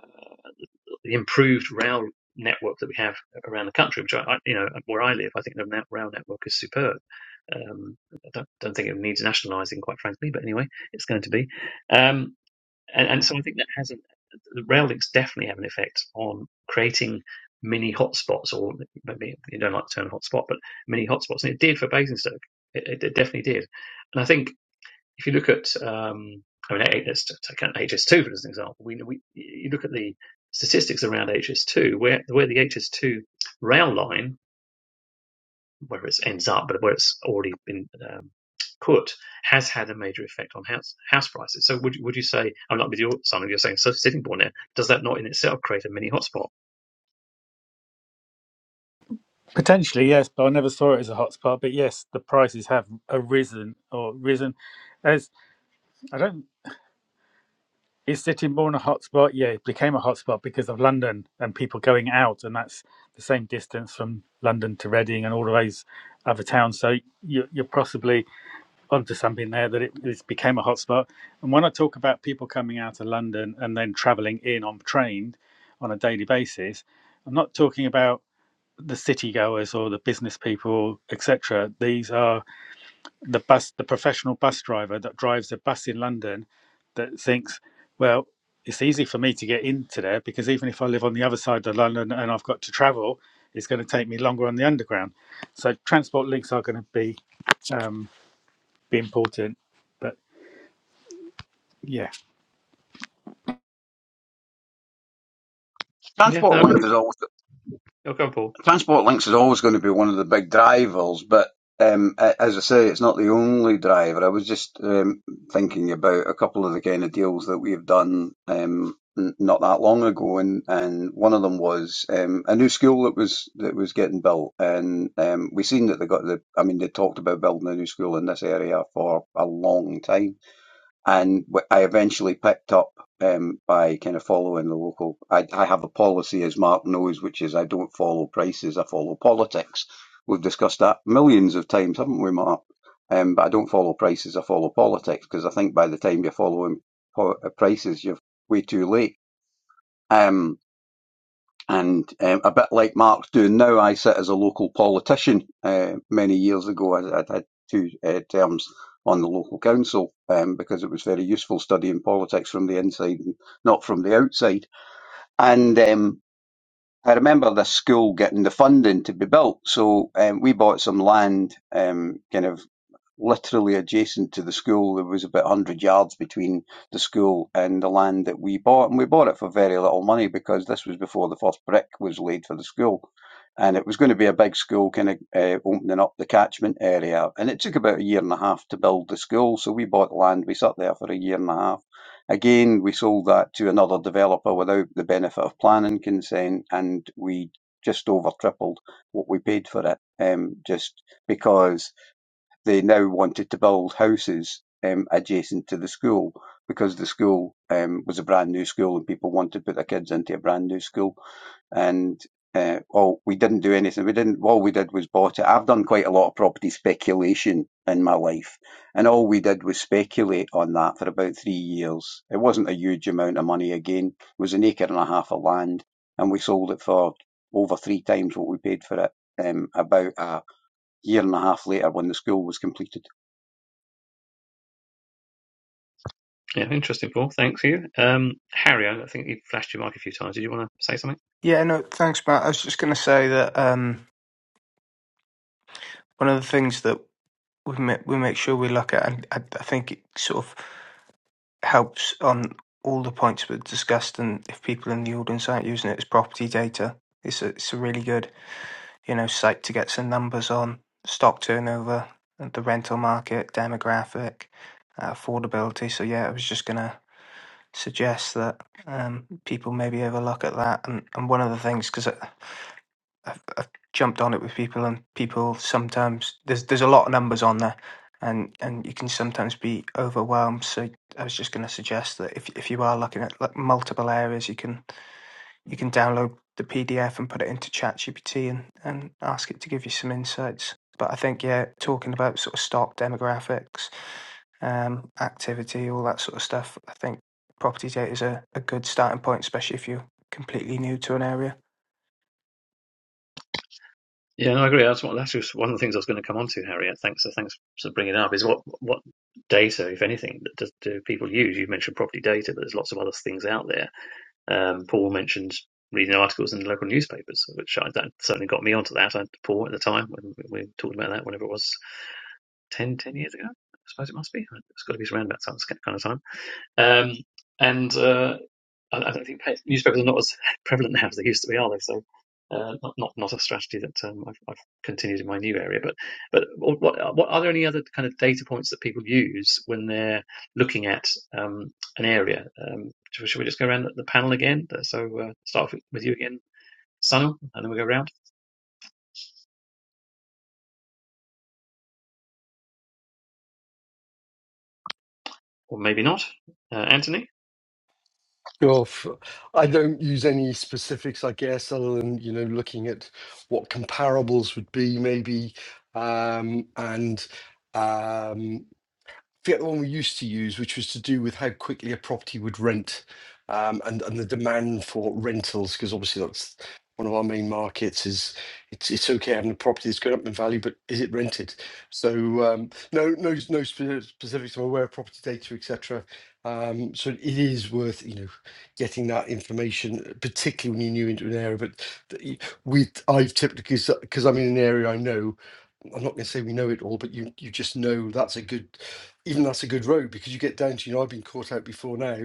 [SPEAKER 1] the improved rail network that we have around the country, which I, you know where I live, I think the rail network is superb. Um, I don't, don't think it needs nationalising, quite frankly, but anyway, it's going to be. Um, and, and so I think that has an, the rail links definitely have an effect on creating mini hotspots, or maybe you don't like the term hotspot, but mini hotspots, and it did for Basingstoke. It, it, definitely did, and I think if you look at, um, I mean, eh, let's take out HS2 for as an example. We, we you look at the statistics around HS2, where where the HS2 rail line where it ends up, but where it's already been um, put, has had a major effect on house house prices. So would would you say I'm not with your son. you're saying so Sittingbourne. now? Does that not in itself create a mini hotspot?
[SPEAKER 2] Potentially, yes, but I never saw it as a hotspot. But yes, the prices have arisen or risen. As I don't, is Sittingbourne a hotspot? Yeah, it became a hotspot because of London and people going out, and that's the same distance from London to Reading and all of those other towns. So you're, you're possibly onto something there that it, it became a hotspot. And when I talk about people coming out of London and then travelling in on train on a daily basis, I'm not talking about the city goers or the business people, etc. These are the bus, the professional bus driver that drives a bus in London that thinks, well, it's easy for me to get into there because even if I live on the other side of London and I've got to travel, it's going to take me longer on the underground. So transport links are going to be um, be important. But yeah,
[SPEAKER 1] Yeah,
[SPEAKER 6] Transport
[SPEAKER 1] no,
[SPEAKER 6] links was always
[SPEAKER 1] you'll go, Paul.
[SPEAKER 6] transport links is always going to be one of the big drivers, but um, as I say, it's not the only driver. I was just um, thinking about a couple of the kind of deals that we've done um, not that long ago, and, and one of them was um, a new school that was that was getting built, and um, we seen that they got the. I mean, they talked about building a new school in this area for a long time and I eventually picked up um, by kind of following the local. I, I have a policy, as Mark knows, which is I don't follow prices; I follow politics. We've discussed that millions of times, haven't we, Mark? Um, but I don't follow prices; I follow politics because I think by the time you're following po- uh, prices, you're way too late. Um, and um, a bit like Mark's doing now, I sit as a local politician. Uh, many years ago, I, I had two uh, terms on the local council um, because it was very useful studying politics from the inside and not from the outside. And um, I remember the school getting the funding to be built, so um, we bought some land, um, kind of literally adjacent to the school. There was about 100 yards between the school and the land that we bought, and we bought it for very little money because this was before the first brick was laid for the school. And it was going to be a big school, kind of uh, opening up the catchment area. And it took about a year and a half to build the school. So we bought land. We sat there for a year and a half Again, we sold that to another developer without the benefit of planning consent, and we just over tripled what we paid for it, um, just because they now wanted to build houses um, adjacent to the school because the school um, was a brand new school and people wanted to put their kids into a brand new school and uh, well, we didn't do anything. We didn't. All we did was bought it. I've done quite a lot of property speculation in my life, and all we did was speculate on that for about three years. It wasn't a huge amount of money. Again, it was an acre and a half of land, and we sold it for over three times what we paid for it. Um, about a year and a half later, when the school was completed.
[SPEAKER 1] Yeah, interesting, Paul. Thanks for you, um, Harry. I think you flashed your mic a few times. Did you want to say something?
[SPEAKER 4] yeah. No, thanks, Matt. I was just going to say that um, one of the things that we make, we make sure we look at, and I, I think it sort of helps on all the points we've discussed. And if people in the audience aren't using it as property data, it's a, it's a really good you know site to get some numbers on stock turnover, the rental market, demographic, uh, affordability. So yeah, I was just gonna suggest that um, people maybe have a look at that. And, and one of the things because I've I've jumped on it with people, and people sometimes there's there's a lot of numbers on there, and and you can sometimes be overwhelmed. So I was just going to suggest that if if you are looking at like multiple areas, you can you can download the PDF and put it into ChatGPT and and ask it to give you some insights. But I think yeah, talking about sort of stock demographics, um, activity, all that sort of stuff. I think property data is a, a good starting point, especially if you're completely new to an area.
[SPEAKER 1] Yeah, no, I agree. That's, what, that's just one of the things I was going to come on to, Harry. Thanks, so thanks for bringing it up. Is what what data, if anything, that does, do people use? You mentioned property data, but there's lots of other things out there Um, Paul mentioned reading articles in the local newspapers, which I, that certainly got me onto that. I, Paul at the time when we were talking about that, whenever it was 10, 10 years ago, I suppose it must be. It's got to be around that kind of time. Um, and uh, I, I don't think newspapers are not as prevalent now as they used to be, are they? So, uh, not, not not a strategy that um, I've, I've continued in my new area. But but what what are there any other kind of data points that people use when they're looking at um, an area? Um, should, we just go around the, panel again? Uh, So uh, start with, with you again, Sanu, and then we go around, or maybe not, uh, Anthony.
[SPEAKER 3] Oh, f- I don't use any specifics, I guess, other than you know looking at what comparables would be, maybe, um, and um, forget the one we used to use, which was to do with how quickly a property would rent um, and and the demand for rentals, because obviously that's one of our main markets. Is it's it's okay having a property that's going up in value, but is it rented? So um, no no no spe- specifics. I'm aware of property data, etc. Um, so it is worth you know getting that information, particularly when you're new into an area. But th- we I've typically because I'm in an area I know. I'm not going to say we know it all, but you you just know that's a good even that's a good road because you get down to, you know, I've been caught out before now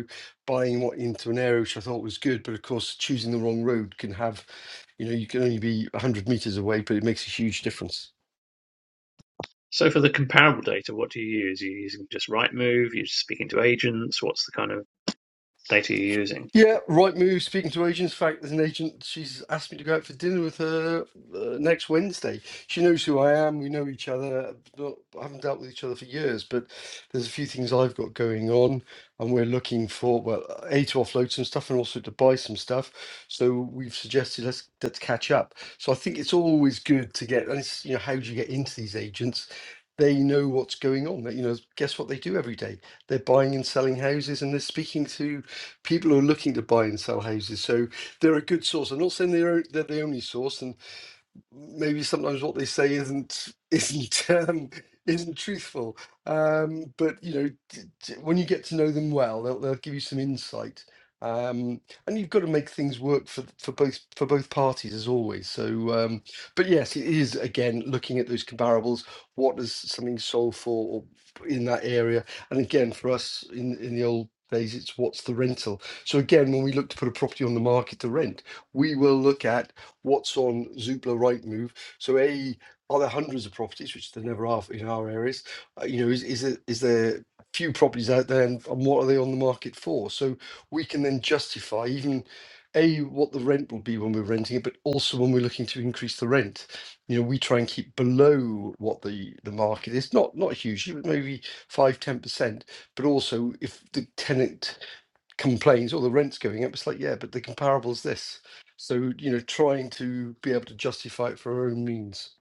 [SPEAKER 3] buying what into an area which I thought was good, but of course, choosing the wrong road can have, you know, you can only be 100 meters away, but it makes a huge difference.
[SPEAKER 1] So for the comparable data, what do you use? Are you using just Rightmove? Are you just speaking to agents? What's the kind of data you're using?
[SPEAKER 3] Yeah, right move. Speaking to agents, in fact, there's an agent. She's asked me to go out for dinner with her uh, next Wednesday. She knows who I am. We know each other. Not, I haven't dealt with each other for years, but there's a few things I've got going on, and we're looking for well, a to offload some stuff and also to buy some stuff. So we've suggested let's let's catch up. So I think it's always good to get. And it's you know how do you get into these agents? They know what's going on. They- You know, guess what they do every day? They're buying and selling houses, and they're speaking to people who are looking to buy and sell houses. So they're a good source. I'm not saying they're, they're the only source, and maybe sometimes what they say isn't isn't um, isn't truthful. Um, but you know, t- t- when you get to know them well, they'll they'll give you some insight. Um, and you've got to make things work for for both for both parties as always. So, um, but yes, it is again looking at those comparables. What does something solve for or in that area? And again, for us in in the old days, it's what's the rental. So again, when we look to put a property on the market to rent, we will look at what's on Zoopla Rightmove. So a are there hundreds of properties, which there never are in our areas? Uh, you know, is is there, is there few properties out there, and, and what are they on the market for? So we can then justify even a what the rent will be when we're renting it, but also when we're looking to increase the rent. You know, we try and keep below what the the market is, not not hugely, but maybe five ten percent. But also, if the tenant complains, "Oh, the rent's going up." It's like, yeah, but the comparable's this. So you know, trying to be able to justify it for our own means.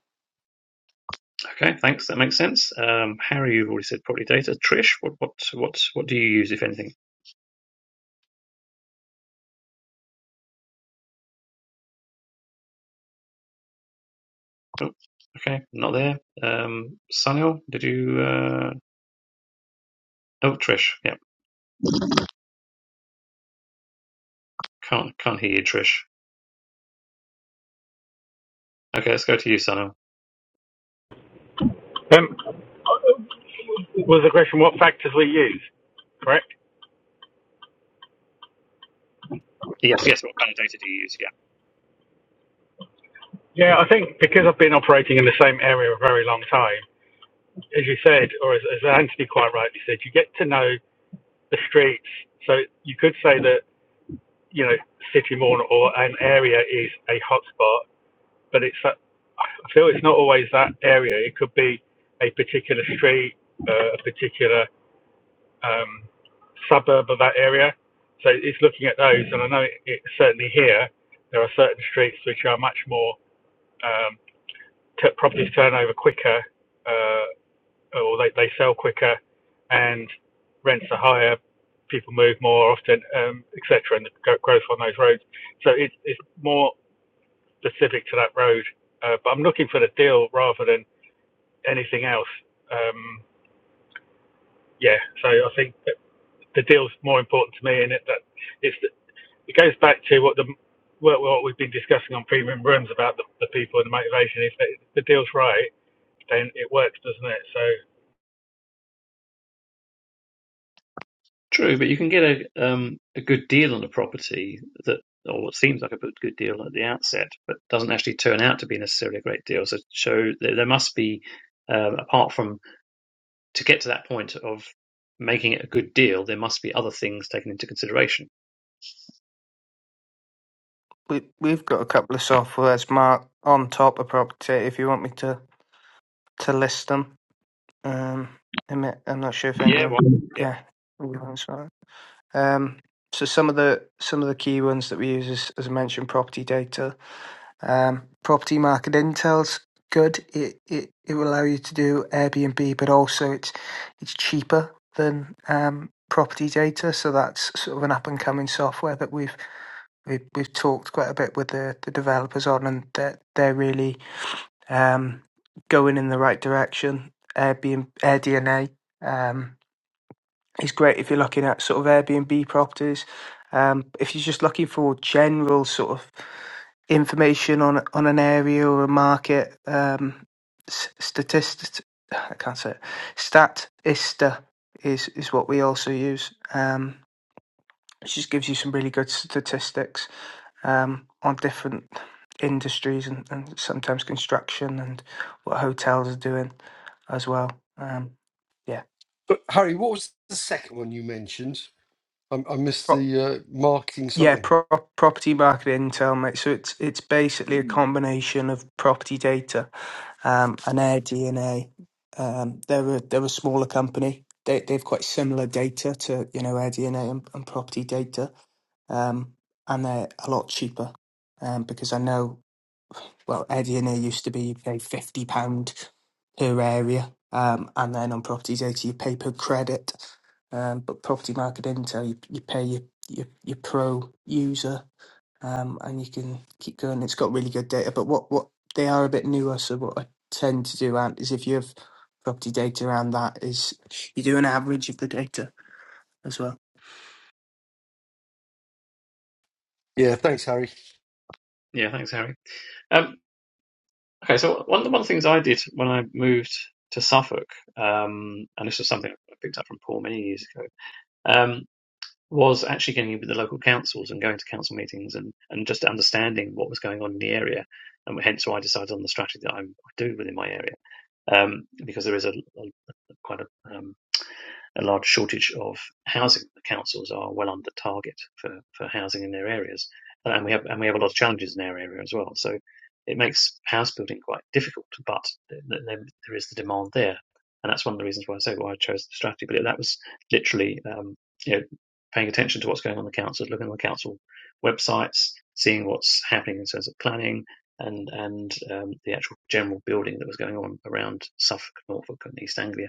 [SPEAKER 1] Okay, thanks. That makes sense. Um, Harry, you've already said property data. Trish, what what what what do you use if anything? Oh, okay, not there. Um, Sunil, did you? Uh... Oh, Trish. Yeah, can't can't hear you, Trish. Okay, let's go to you, Sunil.
[SPEAKER 2] Um, was the question what factors we use, correct?
[SPEAKER 1] Yes, yes. What kind of data do you use? Yeah,
[SPEAKER 2] Yeah, I think because I've been operating in the same area a very long time, as you said, or as, as Anthony quite rightly said, you get to know the streets. So you could say that you know City Morn or an area is a hotspot, but it's that, I feel it's not always that area. It could be a particular street, uh, a particular um, suburb of that area. So it's looking at those, and I know it, it, certainly here there are certain streets which are much more um, t- properties turn over quicker. Uh, or they, they sell quicker and rents are higher, people move more often, um, etc. And the growth on those roads. So it, it's more specific to that road. Uh, but I'm looking for the deal rather than anything else. Um, yeah, so I think that the deal's more important to me, and it that it's it goes back to what the what, what we've been discussing on premium rooms about the, the people and the motivation. If the deal's right, then it works, doesn't it? So
[SPEAKER 1] true. But you can get a um a good deal on a property that, or what seems like a good deal at the outset, but doesn't actually turn out to be necessarily a great deal. So, so there, there must be. Um, apart from to get to that point of making it a good deal, there must be other things taken into consideration.
[SPEAKER 4] we we've got a couple of soft words marked on top of property. If you want me to to list them, um, I'm I'm not sure if
[SPEAKER 1] Yeah,
[SPEAKER 4] anyone,
[SPEAKER 1] well, Yeah.
[SPEAKER 4] yeah, everyone's sorry. Um, so some of the some of the key ones that we use is, as I mentioned, property data, um, property market intel's good. It, it it will allow you to do Airbnb, but also it's it's cheaper than um property data. So that's sort of an up and coming software that we've we, we've talked quite a bit with the, the developers on, and they're, they're really um, going in the right direction. Airbnb, AirDNA um, is great if you're looking at sort of Airbnb properties. Um, if you're just looking for general sort of information on on an area or a market, um, s- statist I can't say it. Statista is is what we also use. Um, it just gives you some really good statistics um, on different industries and, and sometimes construction and what hotels are doing as well. Um, yeah,
[SPEAKER 3] But Harry, what was the second one you mentioned? I, I missed
[SPEAKER 4] Prop,
[SPEAKER 3] the uh, marketing
[SPEAKER 4] yeah,
[SPEAKER 3] something.
[SPEAKER 4] pro- property market intel, mate. So it's it's basically a combination of property data um, and Air DNA. Um, they're a, they're a smaller company. They they've quite similar data to you know Air DNA and, and property data, um, and they're a lot cheaper um, because I know. well, Evian used to be you pay fifty pound per area, um, and then on properties data you pay per credit. Um, but property market intel you, you pay your, your your pro user, um, and you can keep going. It's got really good data, but what what they are a bit newer. So what I tend to do, Ant, is if you have property data around that, is you do an average of the data as well.
[SPEAKER 3] Yeah, thanks, Harry.
[SPEAKER 1] Yeah, thanks, Harry. Um, okay, so one of the one of the things I did when I moved to Suffolk, um, and this was something I picked up from Paul many years ago, um, was actually getting in with the local councils and going to council meetings and, and just understanding what was going on in the area. And hence why I decided on the strategy that i do within my area, um, because there is a, a- a quite a um, a large shortage of housing. The councils are well under target for, for housing in their areas, uh, and we have and we have a lot of challenges in our area as well. So it makes house building quite difficult, but there is the demand there, and that's one of the reasons why I say why I chose the strategy. But that was literally um, you know paying attention to what's going on in the councils, looking on the council websites, seeing what's happening in terms of planning. And and um, the actual general building that was going on around Suffolk, Norfolk, and East Anglia,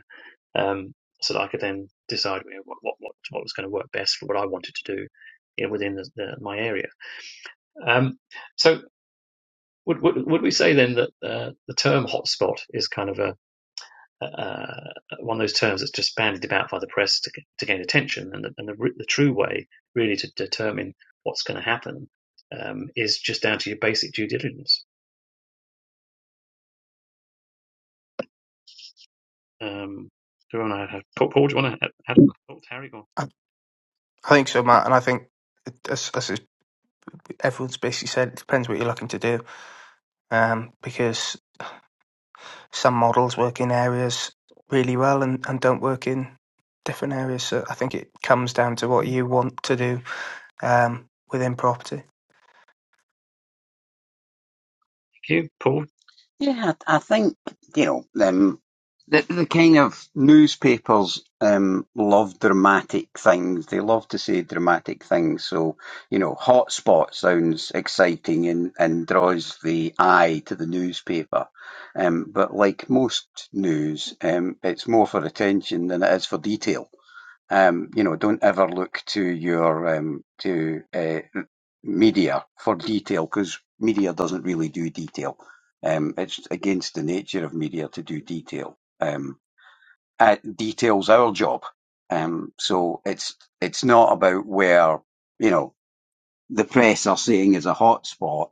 [SPEAKER 1] um, so that I could then decide you know, what, what what what was going to work best for what I wanted to do you know, within the, the, my area. Um, so would, would would we say then that uh, the term hotspot is kind of a uh, one of those terms that's just bandied about by the press to, to gain attention, and the, and the, the true way really to determine what's going to happen um, is just down to your basic due diligence. Um, do you want to have Paul? Paul, do you want to have, have Harry or
[SPEAKER 4] I, I think so, Matt, and I think. it- As, as it- everyone's basically said, it depends what you're looking to do um, because some models work in areas really well and, and don't work in different areas. So I think it comes down to what you want to do um, within property.
[SPEAKER 1] Q? Paul?
[SPEAKER 6] Yeah, I I think you know um, the the kind of newspapers um, love dramatic things. They love to say dramatic things. So you know, hotspot sounds exciting and and draws the eye to the newspaper. Um, but like most news, um, it's more for attention than it is for detail. Um, you know, don't ever look to your um, to uh, media for detail because media doesn't really do detail. Um, it's against the nature of media to do detail. Um, uh, detail's our job. Um, so it's it's not about where you know the press are saying is a hot spot.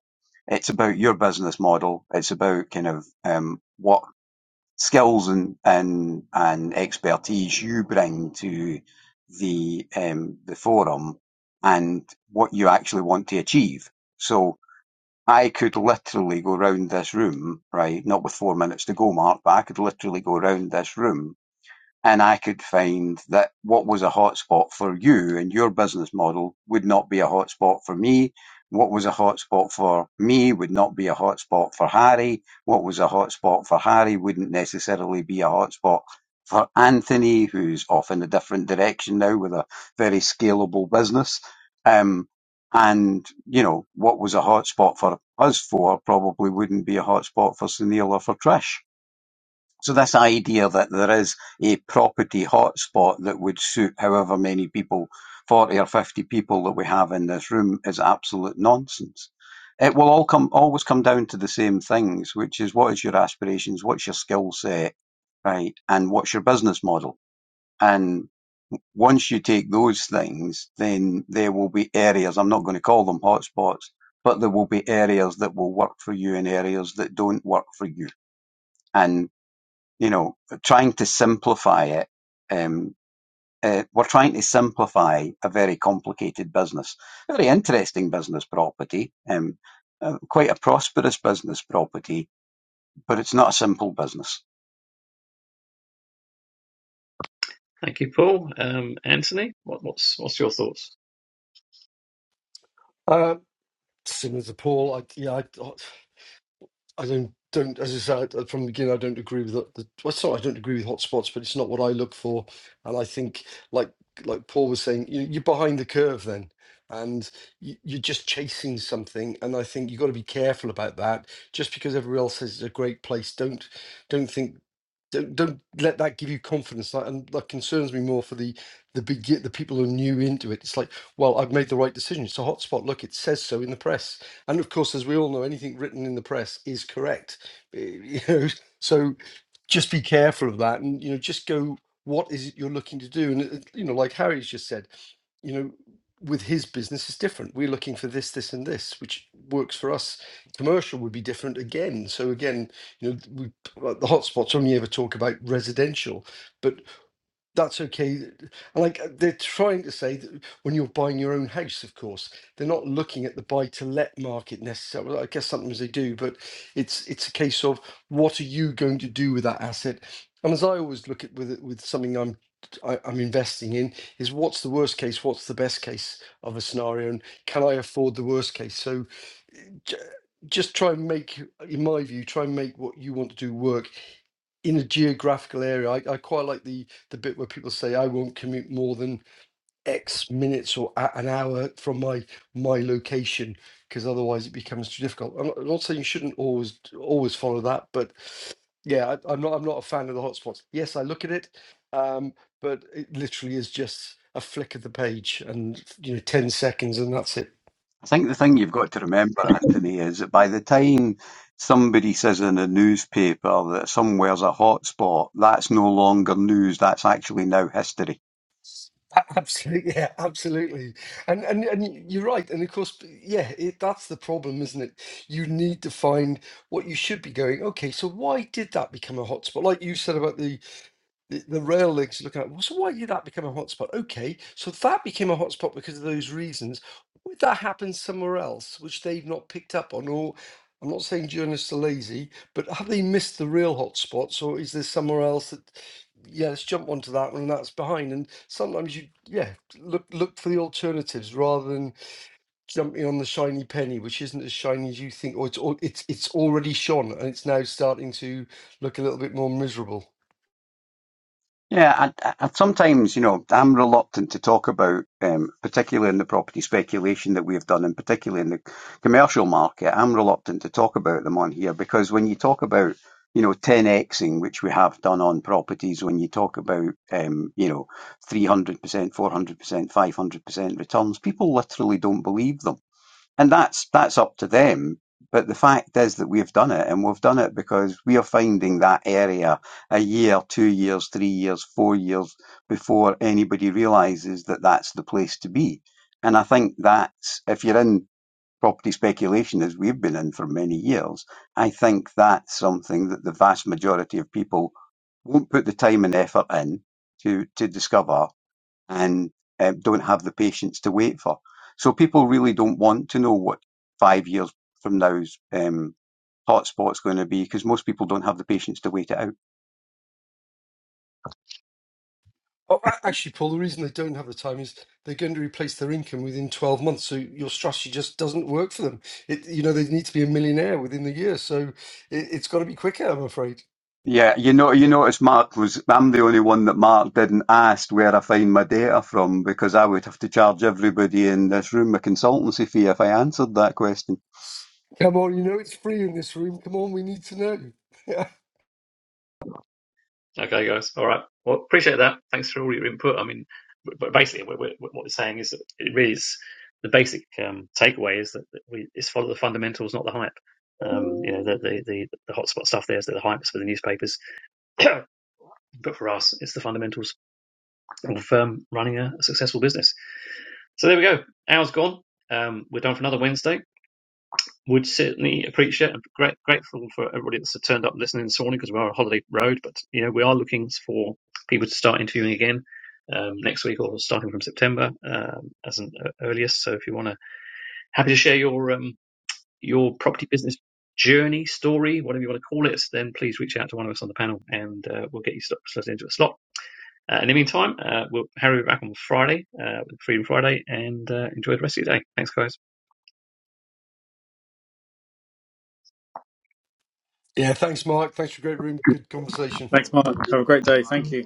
[SPEAKER 6] It's about your business model. It's about kind of um, what skills and and, and expertise you bring to the um, the forum and what you actually want to achieve. So I could literally go round this room, right? Not with four minutes to go, Mark, but I could literally go round this room and I could find that what was a hotspot for you and your business model would not be a hotspot for me. What was a hotspot for me would not be a hotspot for Harry. What was a hotspot for Harry wouldn't necessarily be a hotspot for Anthony, who's off in a different direction now with a very scalable business. Um, and, you know, what was a hotspot for us four probably wouldn't be a hotspot for Sunil or for Trish. So this idea that there is a property hotspot that would suit however many people, 40 or 50 people that we have in this room is absolute nonsense. It will all come, always come down to the same things, which is what is your aspirations? What's your skill set? Right. And what's your business model? And once you take those things, then there will be areas, I'm not going to call them hotspots, but there will be areas that will work for you and areas that don't work for you. And you know, trying to simplify it. Um, uh, we're trying to simplify a very complicated business, very interesting business property, um, uh, quite a prosperous business property, but it's not a simple business.
[SPEAKER 1] Thank you, Paul. Um, Anthony, what, what's what's your thoughts?
[SPEAKER 3] Uh, similar to Paul, I, yeah, I, I don't don't as I said uh, from the beginning, I don't agree with the, the well, it's not I don't agree with hotspots, but it's not what I look for. And I think like like Paul was saying, you, you're behind the curve then, and you, you're just chasing something. And I think you've got to be careful about that. Just because everyone else says it's a great place, don't don't think. Don't, don't let that give you confidence. That, and that concerns me more for the the begi- the people who are new into it. It's like, well, I've made the right decision. It's a hotspot. Look, it says so in the press and of course, as we all know, anything written in the press is correct. You know, so just be careful of that, and you know, just go. What is it you're looking to do? And it- you know, like Harry's just said, you know, with his business is different. We're looking for this, this, and this, which works for us. Commercial would be different again. So again, you know, we, like the hotspots only ever talk about residential, but that's okay. And, Like uh, they're trying to say that when you're buying your own house, of course, they're not looking at the buy to let market necessarily. Well, I guess sometimes they do, but it's it's a case of what are you going to do with that asset? And as I always look at with with something I'm I, I'm investing in is what's the worst case, what's the best case of a scenario, and can I afford the worst case? So j- just try and make, in my view, try and make what you want to do work in a geographical area. I, I quite like the the bit where people say I won't commute more than X minutes or a, an hour from my my location because otherwise it becomes too difficult. I'm not, I'm not saying you shouldn't always always follow that, but yeah, I, I'm not I'm not a fan of the hotspots. Yes, I look at it, um, but it literally is just a flick of the page and you know 10 seconds and that's it
[SPEAKER 6] I think the thing you've got to remember,
[SPEAKER 1] Thanks.
[SPEAKER 6] Anthony, is that by the time somebody says in a newspaper that somewhere's a hotspot, that's no longer news. That's actually now history
[SPEAKER 3] Absolutely, yeah, absolutely, and and and y- you're right, and of course, b- yeah, it, that's the problem, isn't it? You need to find what you should be going. Okay, so why did that become a hotspot? Like you said about the the the rail links looking at, well, so why did that become a hotspot? Okay, so that became a hotspot because of those reasons. Would that happen somewhere else, which they've not picked up on? Or I'm not saying journalists are lazy, but have they missed the real hotspots, or is there somewhere else that, yeah, let's jump onto that one and that's behind? And sometimes you, yeah, look look for the alternatives rather than jumping on the shiny penny, which isn't as shiny as you think, or it's al- it's it's already shone and it's now starting to look a little bit more miserable.
[SPEAKER 6] Yeah, I and sometimes, you know, I'm reluctant to talk about, um, particularly in the property speculation that we've done, and particularly in the commercial market, I'm reluctant to talk about them on here because when you talk about, you know, 10xing, which we have done on properties, when you talk about, um, you know, 300%, 400%, 500% returns, people literally don't believe them and that's that's up to them. But the fact is that we've done it, and we've done it because we are finding that area a year, two years, three years, four years before anybody realizes that that's the place to be. And I think that's if you're in property speculation, as we've been in for many years, I think that's something that the vast majority of people won't put the time and effort in to to discover and um, don't have the patience to wait for. So people really don't want to know what five years from now's um, hotspot's going to be because most people don't have the patience to wait it out.
[SPEAKER 3] Oh, a- actually, Paul, the reason they don't have the time is they're going to replace their income within 12 months. So your strategy just doesn't work for them. It, you know, they need to be a millionaire within the year. So it, it's got to be quicker, I'm afraid.
[SPEAKER 6] Yeah, you know, you notice Mark was, I'm the only one that Mark didn't ask where I find my data from because I would have to charge everybody in this room a consultancy fee if I answered that question.
[SPEAKER 3] Come on, you know it's free in this room. Come on, we need to know. Yeah.
[SPEAKER 1] Okay, guys. All right. Well, appreciate that. Thanks for all your input. I mean, but basically, we're, we're, what we're saying is that it really is the basic um, takeaway is that we is follow the fundamentals, not the hype. Um, you know, the the the, the hotspot stuff there is that the hype's for the newspapers, but for us, it's the fundamentals of um, running a, a successful business. So there we go. Hour's gone. Um, we're done for another Wednesday. would certainly appreciate and great, grateful for everybody that's turned up listening this morning because we are on holiday road. But you know, we are looking for people to start interviewing again um, next week or starting from September um, as an uh, earliest. So if you want to, happy to share your um, your property business journey, story, whatever you want to call it, then please reach out to one of us on the panel and uh, we'll get you slot- slotted into a slot. Uh, in the meantime, uh, we'll Harry will be back on Friday uh, with Freedom Friday, and uh, enjoy the rest of your day. Thanks, guys.
[SPEAKER 3] Yeah. Thanks, Mark. Thanks for a great room. Good conversation.
[SPEAKER 2] Thanks, Mark. Have a great day. Thank you.